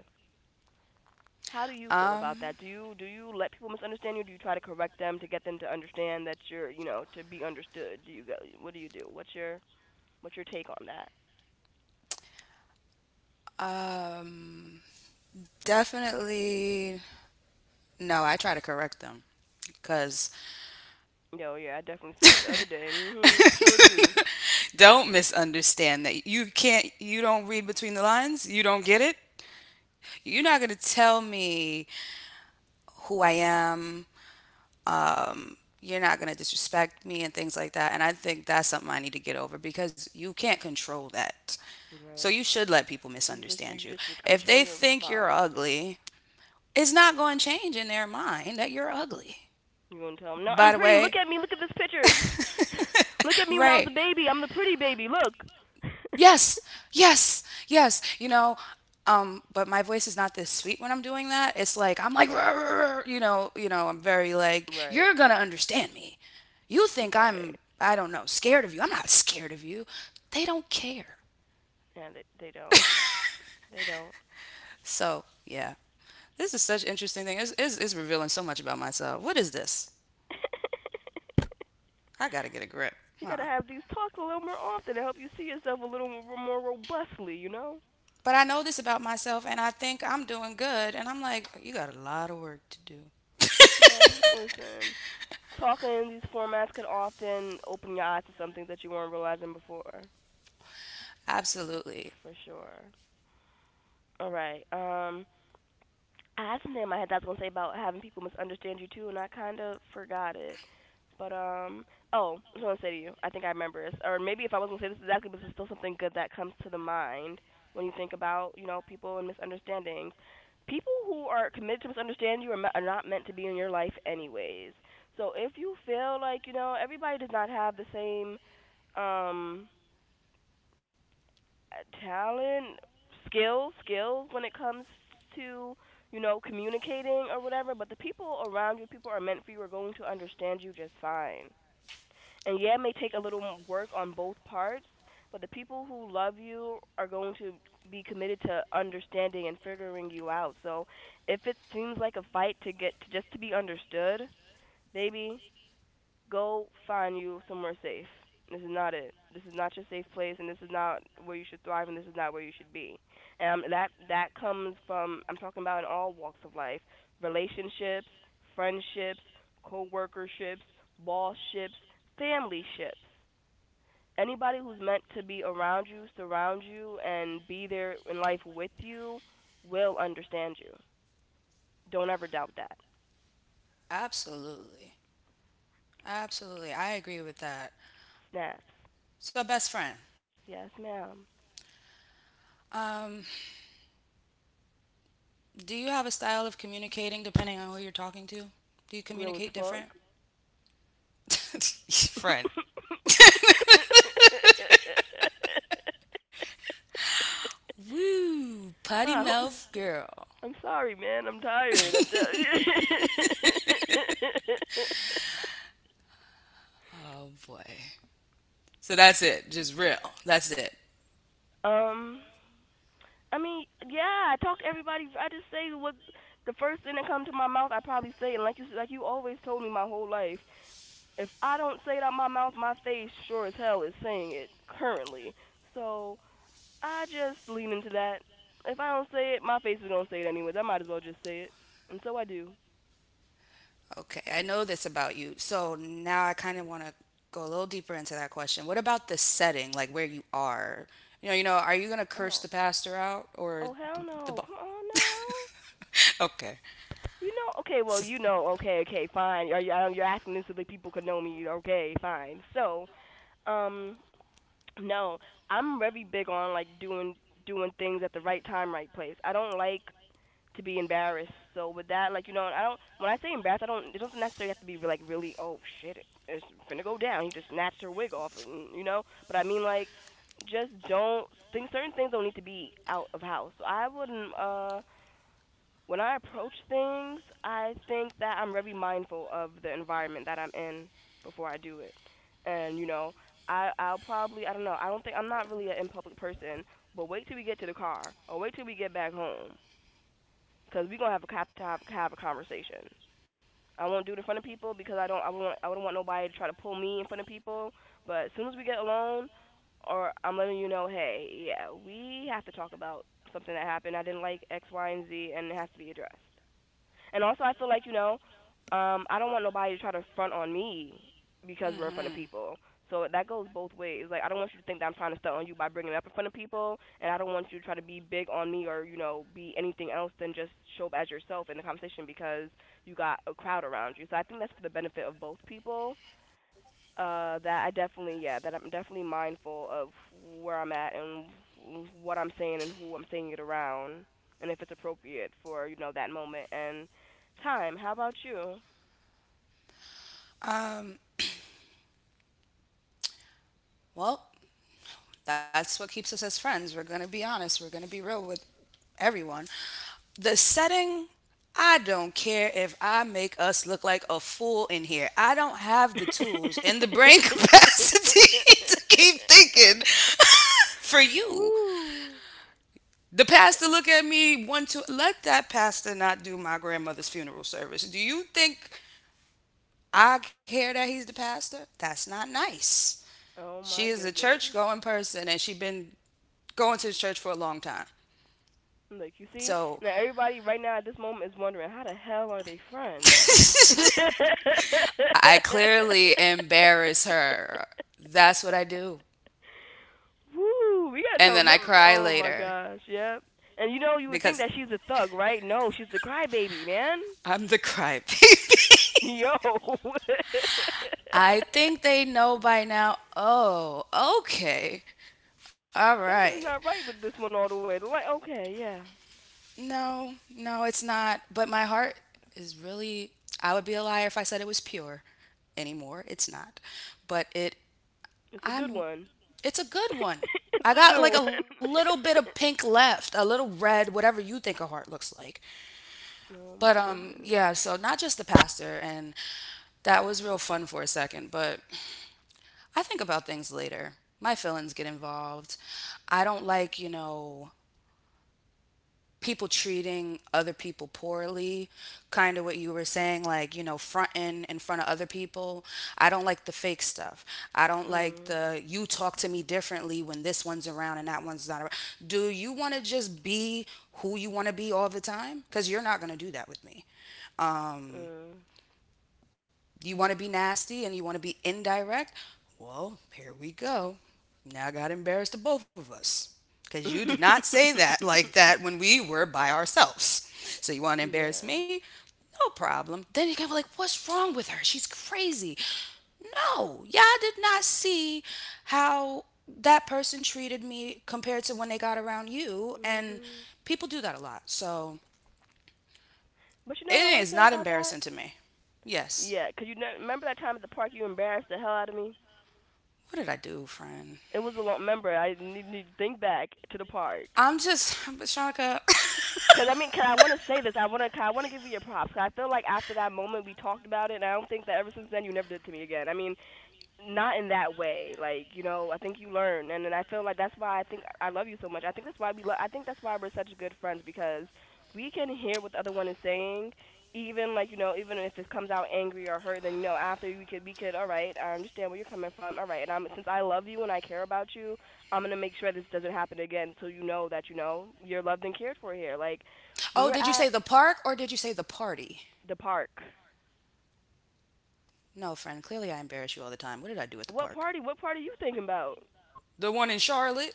How do you feel about Um, that? Do you let people misunderstand you? Do you try to correct them to get them to understand that to be understood? Do you go? What do you do? What's your take on that? um, Definitely. No, I try to correct them because Yo, yeah, I definitely seen that the other day. Mhm, you sure do. don't misunderstand that you don't read between the lines, you don't get it, you're not going to tell me who I am. um, you're not going to disrespect me and things like that. And I think that's something I need to get over because you can't control that. So Right. you should let people You just you misunderstand you. just If control they your think you're response. ugly, it's not going to change in their mind that you're ugly. You gonna tell him? No, I'm By the pretty. Look way, at me. Look at this picture. Look at me when I was a right. baby. I'm the pretty baby. Look. Yes, yes, yes. But my voice is not this sweet when I'm doing that. It's like I'm like, Oh, "Rah, rah," rah." I'm very like, right, you're gonna understand me. You think right. I'm, I don't know, scared of you. I'm not scared of you. They don't care. Yeah, they don't. They don't. So yeah, this is such interesting thing. It's revealing so much about myself. What is this? I gotta get a grip, You gotta huh? have these talks a little more often to help you see yourself a little more, more robustly, you know. But I know this about myself, and I think I'm doing good. And I'm like, you got a lot of work to do. Well, listen. Talking in these formats can often open your eyes to some things that you weren't realizing before. Absolutely, For sure. All right. I had something in my head that I was gonna say about having people misunderstand you too, and I kind of forgot it. But oh, I was gonna say to you, I think I remember this, or maybe if I was not gonna say this exactly, but it's still something good that comes to the mind when you think about people and misunderstandings. People who are committed to misunderstand you are not meant to be in your life anyways. So if you feel like everybody does not have the same um talent, skills when it comes to communicating or whatever. But the people around you, people are meant for you, are going to understand you just fine. And yeah, it may take a little work on both parts, but the people who love you are going to be committed to understanding and figuring you out. So if it seems like a fight to get to just to be understood, baby, go find you somewhere safe. This is not it. This is not your safe place, and this is not where you should thrive, and this is not where you should be. And that comes from, I'm talking about in all walks of life, relationships, friendships, co-workerships, bosships, familyships. Anybody who's meant to be around you, surround you, and be there in life with you will understand you. Don't ever doubt that. absolutely. Absolutely. I agree with that. Snaps. So, best friend, Yes, ma'am. um, do you have a style of communicating depending on who you're talking to? Do you Real as communicate different? fuck. Friend. Woo, potty Ah, mouth girl. I'm sorry, man. I'm tired. Oh boy. So that's it. Just real. That's it. do- um, I mean, yeah. I talk to everybody. I just say what the first thing that comes to my mouth. I probably say, and like you always told me my whole life. If I don't say it out my mouth, my face sure as hell is saying it currently. So I just lean into that. If I don't say it, my face is gonna say it anyways. I might as well just say it, and so I do. Okay, I know this about you. So now I kind of want to go a little deeper into that question. What about the setting, like where you are? Are you going to curse Oh, the pastor out, or oh hell the, the no! bo- Come on now. okay. Okay, well, S- okay, okay, fine. Are you're asking me so that people could know me. Okay, fine. So, um, no, I'm very big on like doing things at the right time, right place. I don't like to be embarrassed. So with that, like I don't. When I say embarrassed, I don't. It doesn't necessarily have to be like really. Oh shit, it's finna go down. He just snatched her wig off, and you know. But I mean, like, just don't. Things certain things don't need to be out of house. So I wouldn't. When I approach things, I think that I'm very mindful of the environment that I'm in before I do it. And I'll probably I don't know I don't think I'm not really an in public person, but wait till we get to the car or wait till we get back home because we gonna have a conversation. I won't do it in front of people because I don't I won't I wouldn't want nobody to try to pull me in front of people. But as soon as we get alone, or I'm letting you know, hey, yeah, we have to talk about something that happened. I didn't like X, Y, and Z, and it has to be addressed. And also, I feel like I don't want nobody to try to front on me because we're in front of people. So that goes both ways. Like I don't want you to think that I'm trying to stunt on you by bringing it up in front of people, and I don't want you to try to be big on me or be anything else than just show up as yourself in the conversation because you got a crowd around you. So I think that's for the benefit of both people that I'm definitely mindful of where I'm at and what I'm saying and who I'm saying it around and if it's appropriate for that moment and time. How about you? Um, well, that's what keeps us as friends. We're going to be honest, we're going to be real with everyone. The setting, I don't care if I make us look like a fool in here. I don't have the tools and the brain capacity to keep thinking for you. Woo! The pastor look at me one two. Let that pastor not do my grandmother's funeral service. Do you think I care that he's the pastor? That's not nice. Oh She my is a church goodness. going person and she's been going to the church for a long time. Like you see, So now everybody right now at this moment is wondering how the hell are they friends? I clearly embarrass her. That's what I do. Woo, we gotta And tell then I them. cry Oh my later gosh, yep. And you would think because that she's a thug, right? No, she's a crybaby, man. I'm the crybaby. Yo, I think they know by now. Oh, okay. All something's right. not right with this one all the way. They're like, okay, yeah, No, no, it's not. But my heart is really, I would be a liar if I said it was pure anymore. It's not. But it's a good I'm one. it's a good one. It's a I good got one. like a little bit of pink left, a little red, whatever you think a heart looks like. Oh But my goodness. yeah, so not just the pastor, and that was real fun for a second, but I think about things later. My feelings get involved. I don't like, people treating other people poorly, kind of what you were saying, like, fronting in front of other people. I don't like the fake stuff. I don't Uh, like the you talk to me differently when this one's around and that one's not around. Do you want to just be who you want to be all the time? Because you're not going to do that with me. Um, uh, you want to be nasty and you want to be indirect? Well, here we go. Now I got embarrassed to embarrass the both of us because you did not say that like that when we were by ourselves. So you want to yeah. embarrass me? No problem. Then you're going to be like, what's wrong with her? She's crazy. No, y'all did not see how that person treated me compared to when they got around you. And Mhm. people do that a lot. So But you know what I want to it say is not about that? embarrassing to me. Yeah, Yes. 'cause you know, remember that time at the park you embarrassed the hell out of me. What did I do, It friend? was a long. Remember, I need to think back to the park. But Shanika. Cause I want to say this. I want to give you your props. Cause I feel like after that moment we talked about it, and I don't think that ever since then you never did to me again. I mean, not in that way. Like you know, I think you learn, and then I feel like that's why I think I love you so much. I think that's why I think that's why we're such good friends because we can hear what the other one is saying, even like you know, even if it comes out angry or hurt. Then you know, after we could all right, I understand where you're coming from. All right, and I'm since I love you and I care about you, I'm gonna make sure this doesn't happen again, so you know that you know you're loved and cared for here. Like we Oh, were did you at say the park or did you say the party? the park. No, friend. Clearly, I embarrass you all the time. What did I do at the What park? party? What party are you thinking about? The one in Charlotte.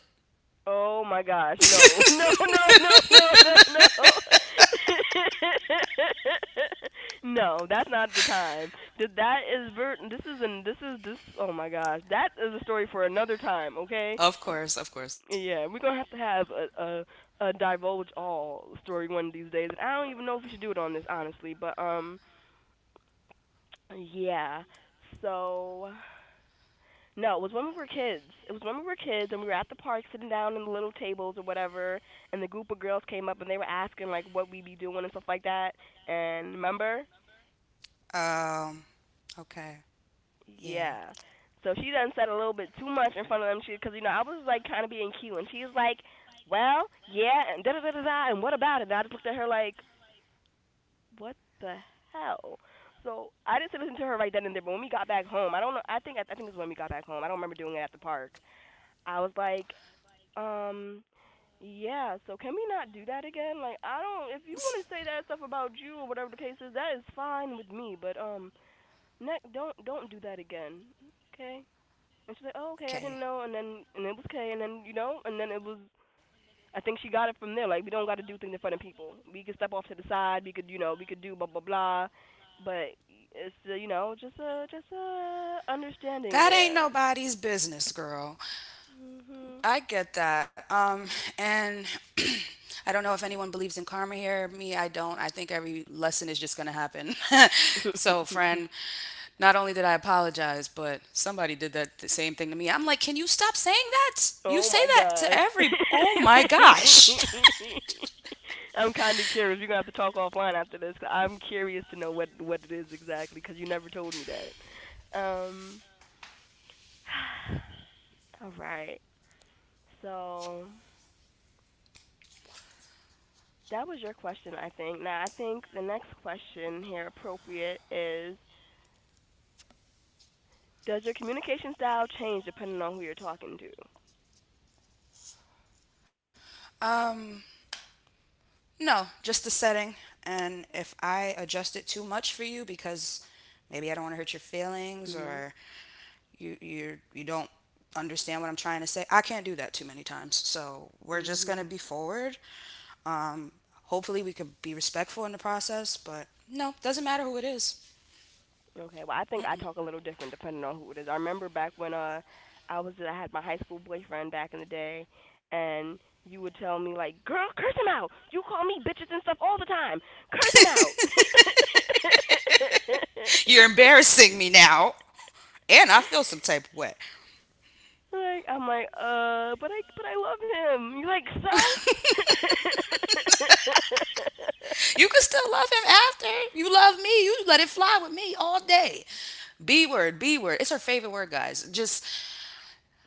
Oh my gosh, no, no, no, no, no, no, no. No, that's not the time. This is an this is this oh my gosh. That is a story for another time, okay? Of course, of course. Yeah, we're going to have a divulge all story one of these days. And I don't even know if we should do it on this honestly, but yeah. So no, it was when we were kids. It was when we were kids and we were at the park sitting down in the little tables or whatever, and the group of girls came up and they were asking like what we be doing and stuff like that. And remember, Um. Okay. Yeah. yeah. So she done said a little bit too much in front of them, because you know I was like kind of being cute, and she's like, "Well, yeah," and da da da da da, and what about it? And I just looked at her like, "What the hell?" So I didn't listen to her right then and there. But when we got back home, I don't know. I think it's when we got back home. I don't remember doing it at the park. I was like, Um, yeah, so can we not do that again? Like, I don't, if you want to say that stuff about you or whatever the case is, that is fine with me, but, don't do that again, okay? And she's like, oh, okay, I didn't Okay. know, and then, and it was okay, and then, you know, and then it was, I think she got it from there, like, we don't got to do things in front of people. We could step off to the side, we could, you know, we could do blah, blah, blah, but it's you know, just a understanding That ain't there. nobody's business, girl. Hmm. I get that. And I don't know if anyone believes in karma here. Me, I don't. I think every lesson is just going to happen. So, friend, not only did I apologize, but somebody did that the same thing to me. I'm like, can you stop saying that? You Oh say my that to gosh. every. Oh my gosh. I'm kind of curious. We're going to have to talk offline after this. I'm curious to know what it is exactly cuz you never told me that. All right. So, that was your question, I think. Now, I think the next question here appropriate is does your communication style change depending on who you're talking to? No, just the setting. And if I adjust it too much for you because maybe I don't want to hurt your feelings Mhm. or you don't understand what I'm trying to say, I can't do that too many times. So we're just Mhm. gonna be forward. Um, Hopefully we could be respectful in the process, but no, doesn't matter who it is. Okay, well, I think I talk a little different depending on who it is. I remember back when I had my high school boyfriend back in the day, and you would tell me like, "Girl, curse him out. You call me bitches and stuff all the time. Curse him out." You're embarrassing me now, and I feel some type of way. Like I'm like, but I love him." You're like, "So?" You can still love him after. You love me. You let it fly with me all day. B word, B word. It's her favorite word, guys. Just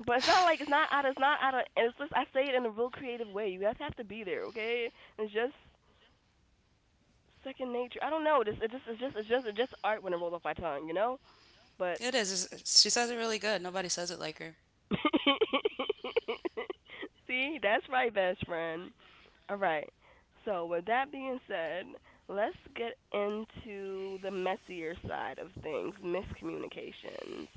But it's not like it's not out of and it's just I say it in a real creative way. You guys have to be there, okay? It's just second nature. I don't know. It's just art when it rolls off my tongue, you know. But it is. It's- She says it really good. Nobody says it like her. see, that's right, best friend. All right. So with that being said, let's get into the messier side of things, miscommunications.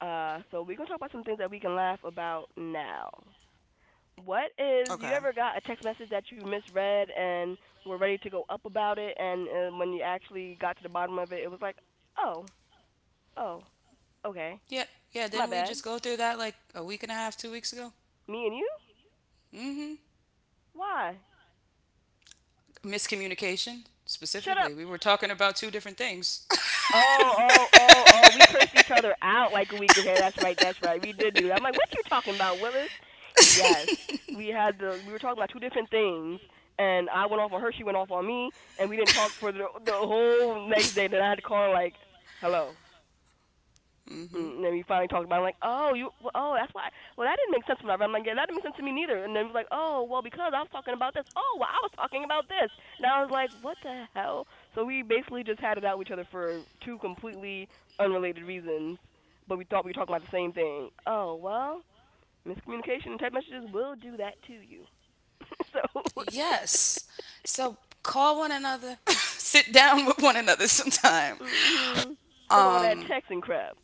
So we're gonna talk about some things that we can laugh about now. What Okay. is you ever got a text message that you misread and were ready to go up about it, and when you actually got to the bottom of it, it was like, oh, oh, okay. Yeah, yeah. My Didn't we bad. just go through that like a week and a half, 2 weeks ago? Me and you? Mm-hmm. Why? Miscommunication, Shut up. specifically. We were talking about two different things. Oh. We cursed each other out like a week. Okay, that's right, that's right. We did do that. I'm like, what you talking about, Willis? Yes, we had the. We were talking about two different things, and I went off on her. She went off on me, and we didn't talk for the whole next day. Then I had to call her like, hello. Mm. And then we finally talked about it. I'm like, oh, you, well, oh, that's why. Well, that didn't make sense to me. I'm like, yeah, that didn't make sense to me neither. And then we was like, oh, well, because I was talking about this. Oh, well, I was talking about this. And I was like, what the hell? So we basically just had it out with each other for two completely unrelated reasons, but we thought we were talking about the same thing. Oh, well, miscommunication and text messages will do that to you. So, Yes. So call one another. Sit down with one another sometime. mhm. Stop all that Um. texting crap.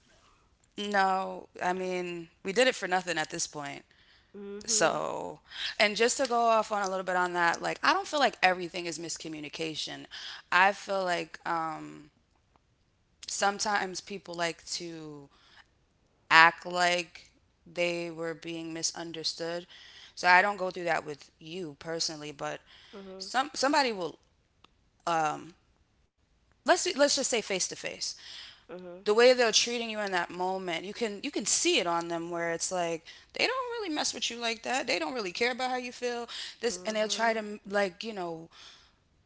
No, I mean we did it for nothing at this point. Mhm. So, and just to go off on a little bit on that, like I don't feel like everything is miscommunication. I feel like sometimes people like to act like they were being misunderstood. So I don't go through that with you personally, but Mhm. Somebody will let's just say face to face. Mhm. The way they're treating you in that moment, you can see it on them where it's like they don't really mess with you like that. They don't really care about how you feel. This and they'll try Mhm. to like, you know,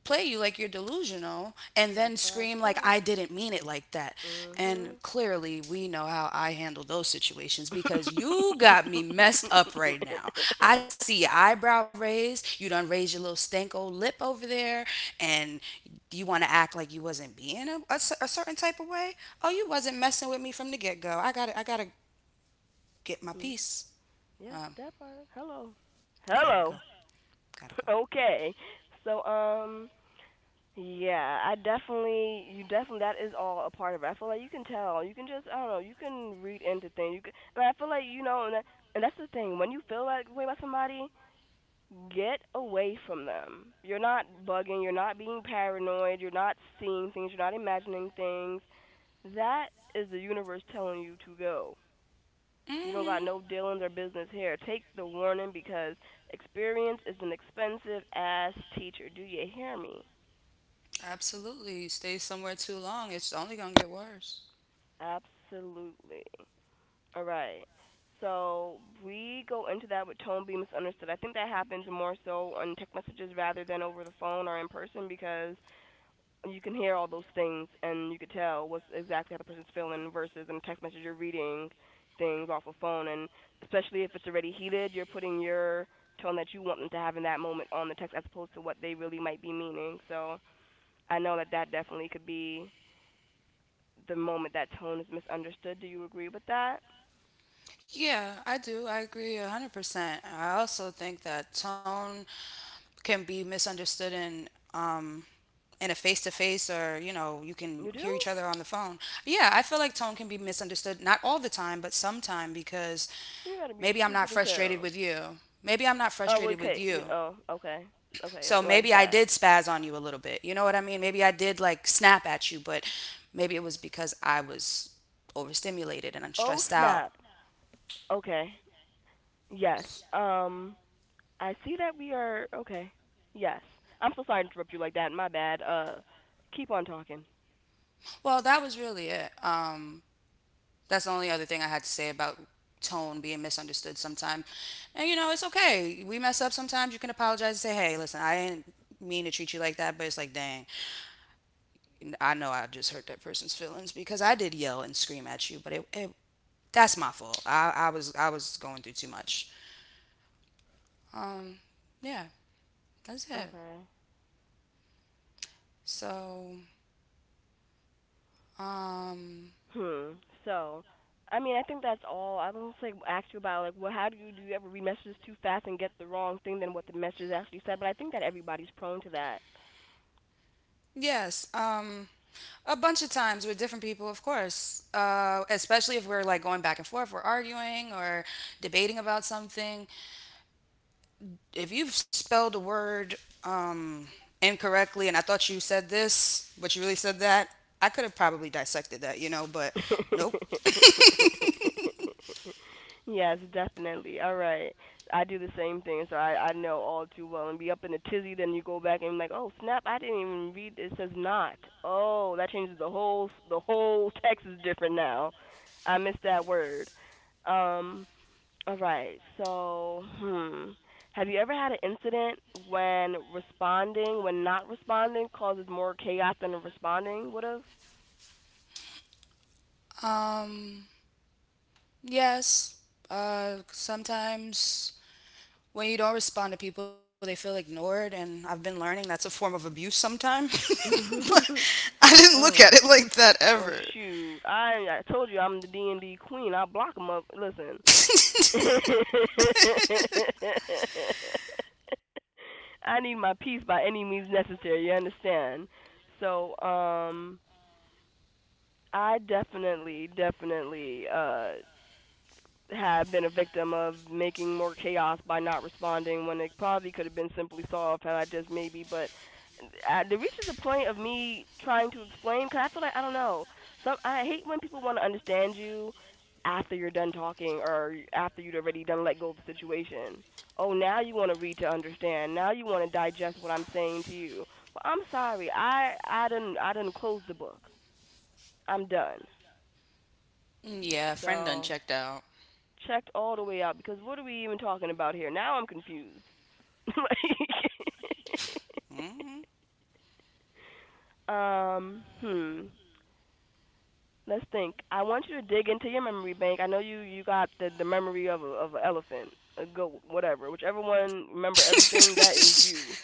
play you like you're delusional and then That's what I scream like said. I didn't mean it like that. And Mhm. clearly we know how I handle those situations because you got me messed up right now. I see your eyebrow raised, you done raised your little stank old lip over there and you want to act like you wasn't being a certain type of way. Oh, you wasn't messing with me from the get-go. I got to get my Mm, piece. yeah, Um, that part. Hello. got to go. Hello. Got to go. Okay. So yeah, I definitely you definitely that is all a part of it. I feel like you can tell. You can just I don't know, you can read into things. You can and I feel like you know and that's the thing. When you feel like way about somebody, get away from them. You're not bugging, you're not being paranoid, you're not seeing things, you're not imagining things. That is the universe telling you to go. You don't got Hmm. no dealings or business here. Take the warning because experience is an expensive ass teacher. Do you hear me? Absolutely. You stay somewhere too long, it's only going to get worse. Absolutely. All right. So we go into that with tone being misunderstood. I think that happens more so on text messages rather than over the phone or in person because you can hear all those things and you could tell what's exactly how the person's feeling versus in a text message you're reading things off a phone and especially if it's already heated you're putting your tone that you want them to have in that moment on the text as opposed to what they really might be meaning. So I know that that definitely could be the moment that tone is misunderstood. Do you agree with that? Yeah, I do. I agree 100%. I also think that tone can be misunderstood um in a face to face or, you know, you can You do. hear each other on the phone. Yeah, I feel like tone can be misunderstood not all the time, but sometime because You gotta be maybe I'm not stupid as frustrated hell. with you. Maybe I'm not Oh well, frustrated with okay, you you. know, okay, okay, So like maybe I that. did spaz on you a little bit. You know what I mean? Maybe I did like snap at you, but maybe it was because I was overstimulated and I'm Oh stressed out. snap. Okay. Yes. Um, I see that we are okay. Yes. I'm so sorry to interrupt you like that. My bad. Keep on talking. Well, that was really it. That's the only other thing I had to say about tone being misunderstood sometimes. And you know, it's okay. We mess up sometimes. You can apologize and say, "Hey, listen, I didn't mean to treat you like that," but it's like, dang, I know I just hurt that person's feelings because I did yell and scream at you, but it that's my fault. I was going through too much. Um, yeah, that's it. Okay. So, um, Hmm. So, I mean, I think that's all. I was gonna say ask you about like, well, how do you ever read messages too fast and get the wrong thing than what the messages actually said? But I think that everybody's prone to yes, a bunch of times with different people, of course. Especially if we're like going back and forth, we're arguing or debating about something. If you've spelled a word um, incorrectly, and I thought you said this, but you really said that, I could have probably dissected that, you know. But that. nope. Yes, definitely. All right. I do the same thing, so I know all too well. And be up in a tizzy, then you go back and like, oh snap, I didn't even read. It says not. Oh, that changes the whole text is different now. I missed that word. Um. All right. So, hmm. Have you ever had an incident when not responding, causes more chaos than responding would have? Um, yes. Sometimes when you don't respond to people, they feel ignored, and I've been learning that's a form of abuse sometimes. But I didn't look Oh. at it like that Well, ever. shoot, I told you I'm the D&D queen. I block them up. Listen, I need my peace by any means necessary. You understand? So, I definitely, definitely, have been a victim of making more chaos by not responding when it probably could have been simply solved had I just maybe, but it reaches a point of me trying to explain because I feel like I don't know. Some I hate when people want to understand you after you're done talking or after you would already done let go of the situation. Oh, now you want to read to understand. Now you want to digest what I'm saying to you. Well, I'm sorry. I didn't I didn't close the book. I'm done. Yeah, friend So done checked out. checked all the way out because what are we even talking about here? Now I'm confused. Mhm. like, um, hmm. Let's think. I want you to dig into your memory bank. I know you got the memory of a of an elephant, a goat, whatever. Whichever one remember everything that is you.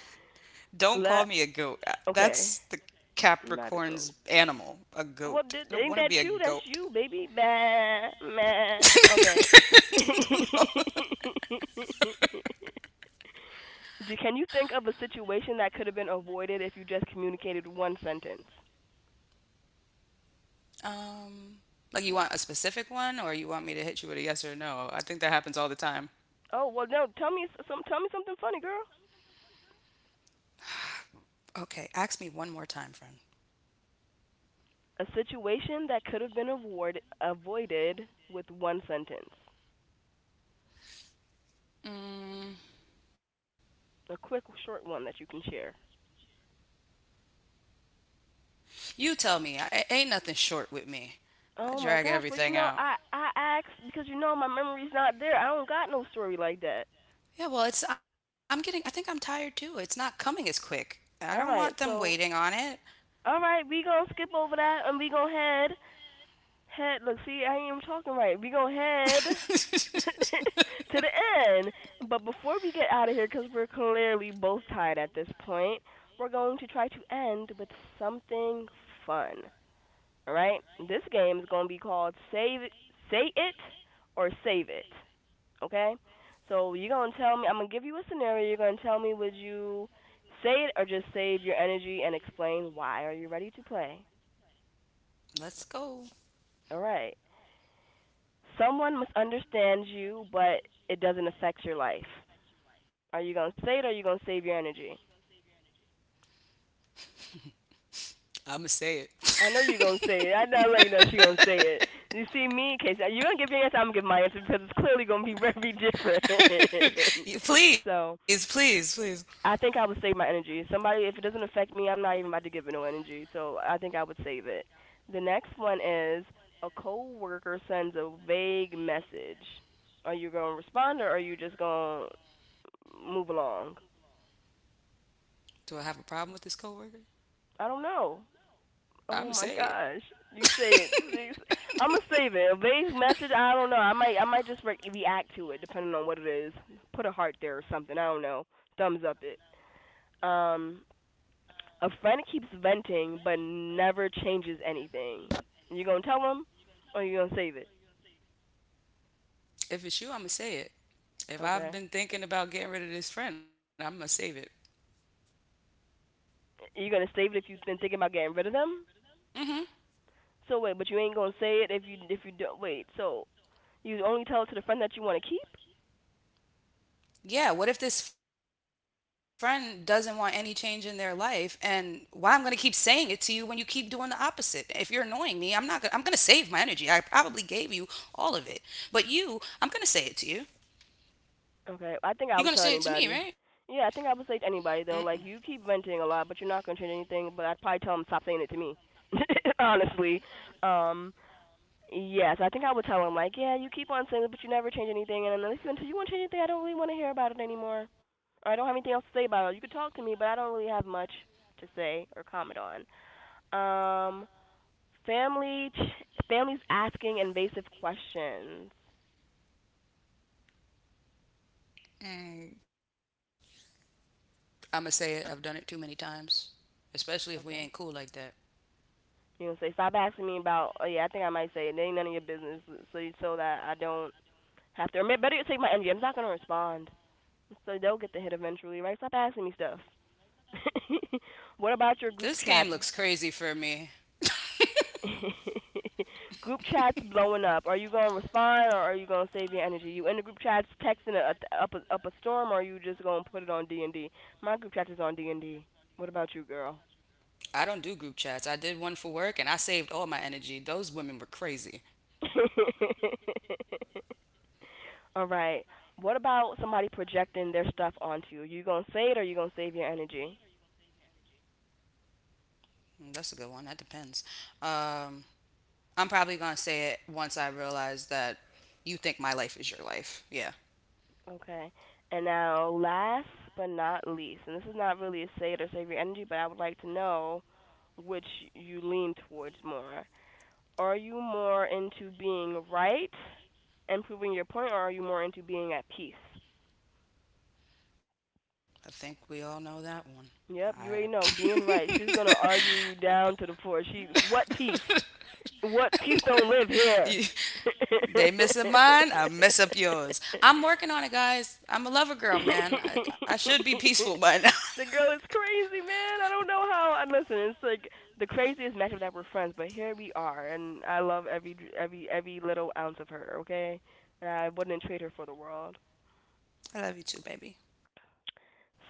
Don't call me a Let goat. That's the Okay, not a Capricorn's goat. animal, a Well, goat. I did, don't ain't want to that be a you? That's goat. you, baby. Meh, meh. Okay. Can you think of a situation that could have been avoided if you just communicated one sentence? Um, like you want a specific one, or you want me to hit you with a yes or no? I think that happens all the time. Oh well, no. Some. Tell me something funny, girl. Okay, ask me one more time, friend. A situation that could have been avoid, avoided with one sentence. A quick, short one that you can share. You tell me. I, it ain't nothing short with me. I Oh my drag gosh. Well, you everything know, out. I asked because you know my memory's not there. I don't got no story like that. Yeah, well, it's I'm getting I think I'm tired too. It's not coming as quick. I don't want All them right. waiting on it. All right, we gonna skip over that and we gonna head. Look, see, I ain't even talking right. We gonna head to the end. But before we get out of here, because we're clearly both tired at this point, we're going to try to end with something fun. All right? This game is going to be called Say It or Save It. Okay? So you're going to tell me, I'm going to give you a scenario. You're going to tell me, would you say it or just save your energy and explain why? Are you ready to play? Let's go. All right. Someone must understand you, but it doesn't affect your life. Are you gonna say it or are you gonna save your energy? I'm gonna say I know you're gonna say it. I it. know like no, she gonna say it. You see me, case you're gonna give your answer, I'm gonna give my answer because it's clearly gonna be very different. You- please, so please, please. I think I would save my energy. Somebody if it doesn't affect me, I'm not even about to give it no energy. So I think I would save it. The next one is a coworker sends a vague message. Are you gonna respond or are you just gonna move along? Do I have a problem with this coworker? I don't know. I'm Oh gonna my say gosh, you said it. I'm gonna save it. A vague message. I don't know. I might just react to it depending on what it is. Put a heart there or something. I don't know. Thumbs up it. Um, a friend keeps venting but never changes anything. You gonna tell them or you gonna save it? If it's you, I'm gonna say it. If I've Okay. been thinking about getting rid of this friend, I'm gonna save it. You gonna save it if you've been thinking about getting rid of them? So wait, but you ain't gonna say it if you don't wait. So you only tell it to the friend that you want to keep? Yeah, what if this friend doesn't want any change in their life and why I'm going to keep saying it to you when you keep doing the opposite? If you're annoying me, I'm not gonna, I'm going to save my energy. I probably gave you all of it. But you, I'm going to say it to you. Okay, You're I going to think say I it would to tell me, right? anybody. Yeah, I think I would say to anybody though, like you keep venting a lot, but you're not gonna change anything. But I'd probably tell him stop saying it to me. Honestly, um, yes, I think I would tell him like, yeah, you keep on saying it, but you never change anything, and unless until you want to change anything, I don't really want to hear about it anymore. Or I don't have anything else to say about it. You could talk to me, but I don't really have much to say or comment on. Um, family, Families asking invasive questions. Mm, I'm going to say it. I've done it too many times, especially if we ain't cool Okay. like that. You know, say stop asking me about. Oh yeah, I think I might say it It ain't none of your business. So you so that I don't have to. Or better yet, take my energy. I'm not gonna respond. So they'll get the hit eventually, right? Stop asking me stuff. What This about your game group looks chats? crazy for me. Group chats blowing up. Are you gonna respond or are you gonna save your energy? You in the group chats texting up a storm, or are you just gonna put it on DND? My group chat is on DND. What about you, girl? I don't do group chats. I did one for work and I saved all my energy. Those women were crazy. All right. What about somebody projecting their stuff onto you? You gonna say it or you gonna save your energy? Mm, that's a good one. That depends. Um I'm probably gonna say it once I realize that you think my life is your life. Yeah, Okay. And now, last but not least, and this is not really a say it or save your energy, but I would like to know which you lean towards more. Are you more into being right and proving your point, or are you more into being at peace? I think we all know that one. I. Yep, you already know being right. She's gonna argue you down to the floor. She what peace? What peace don't live You- here. they mess up mine, I mess up yours. I'm working on it, guys. I'm a lover girl, man. I should be peaceful by now. The girl is crazy, man. I don't know how. And listen, it's like the craziest matchup that we're friends, but here we are, and I love every every little ounce of her. Okay, and I wouldn't trade her for the world. I love you too, baby.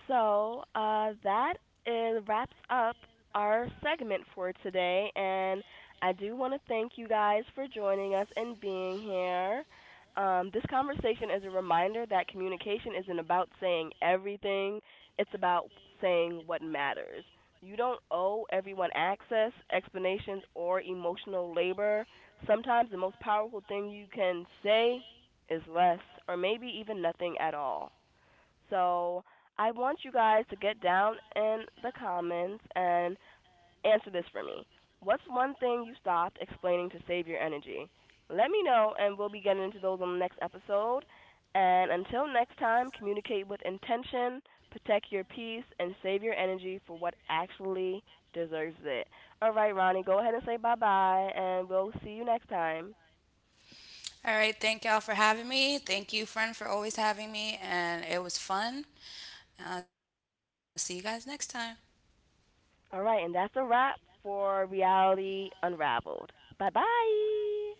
So wraps up our segment for today, and I do want to thank you guys for joining us and being here. This conversation is a reminder that communication isn't about saying everything, it's about saying what matters. You don't owe everyone access, explanations, or emotional labor. Sometimes the most powerful thing you can say is less, or maybe even nothing at all. So I want you guys to get down in the comments and answer this for me. What's one thing you stopped explaining to save your energy? Let me know, and we'll be getting into those on the next episode. And until next time, communicate with intention, protect your peace, and save your energy for what actually deserves it. All right, Ronnie, go ahead and say bye bye, and we'll see you next time. All right, thank y'all for having me. Thank you, friend, for always having me. And it was fun. And I'll see you guys next time. All right, and that's a wrap for Reality Unraveled. Bye bye.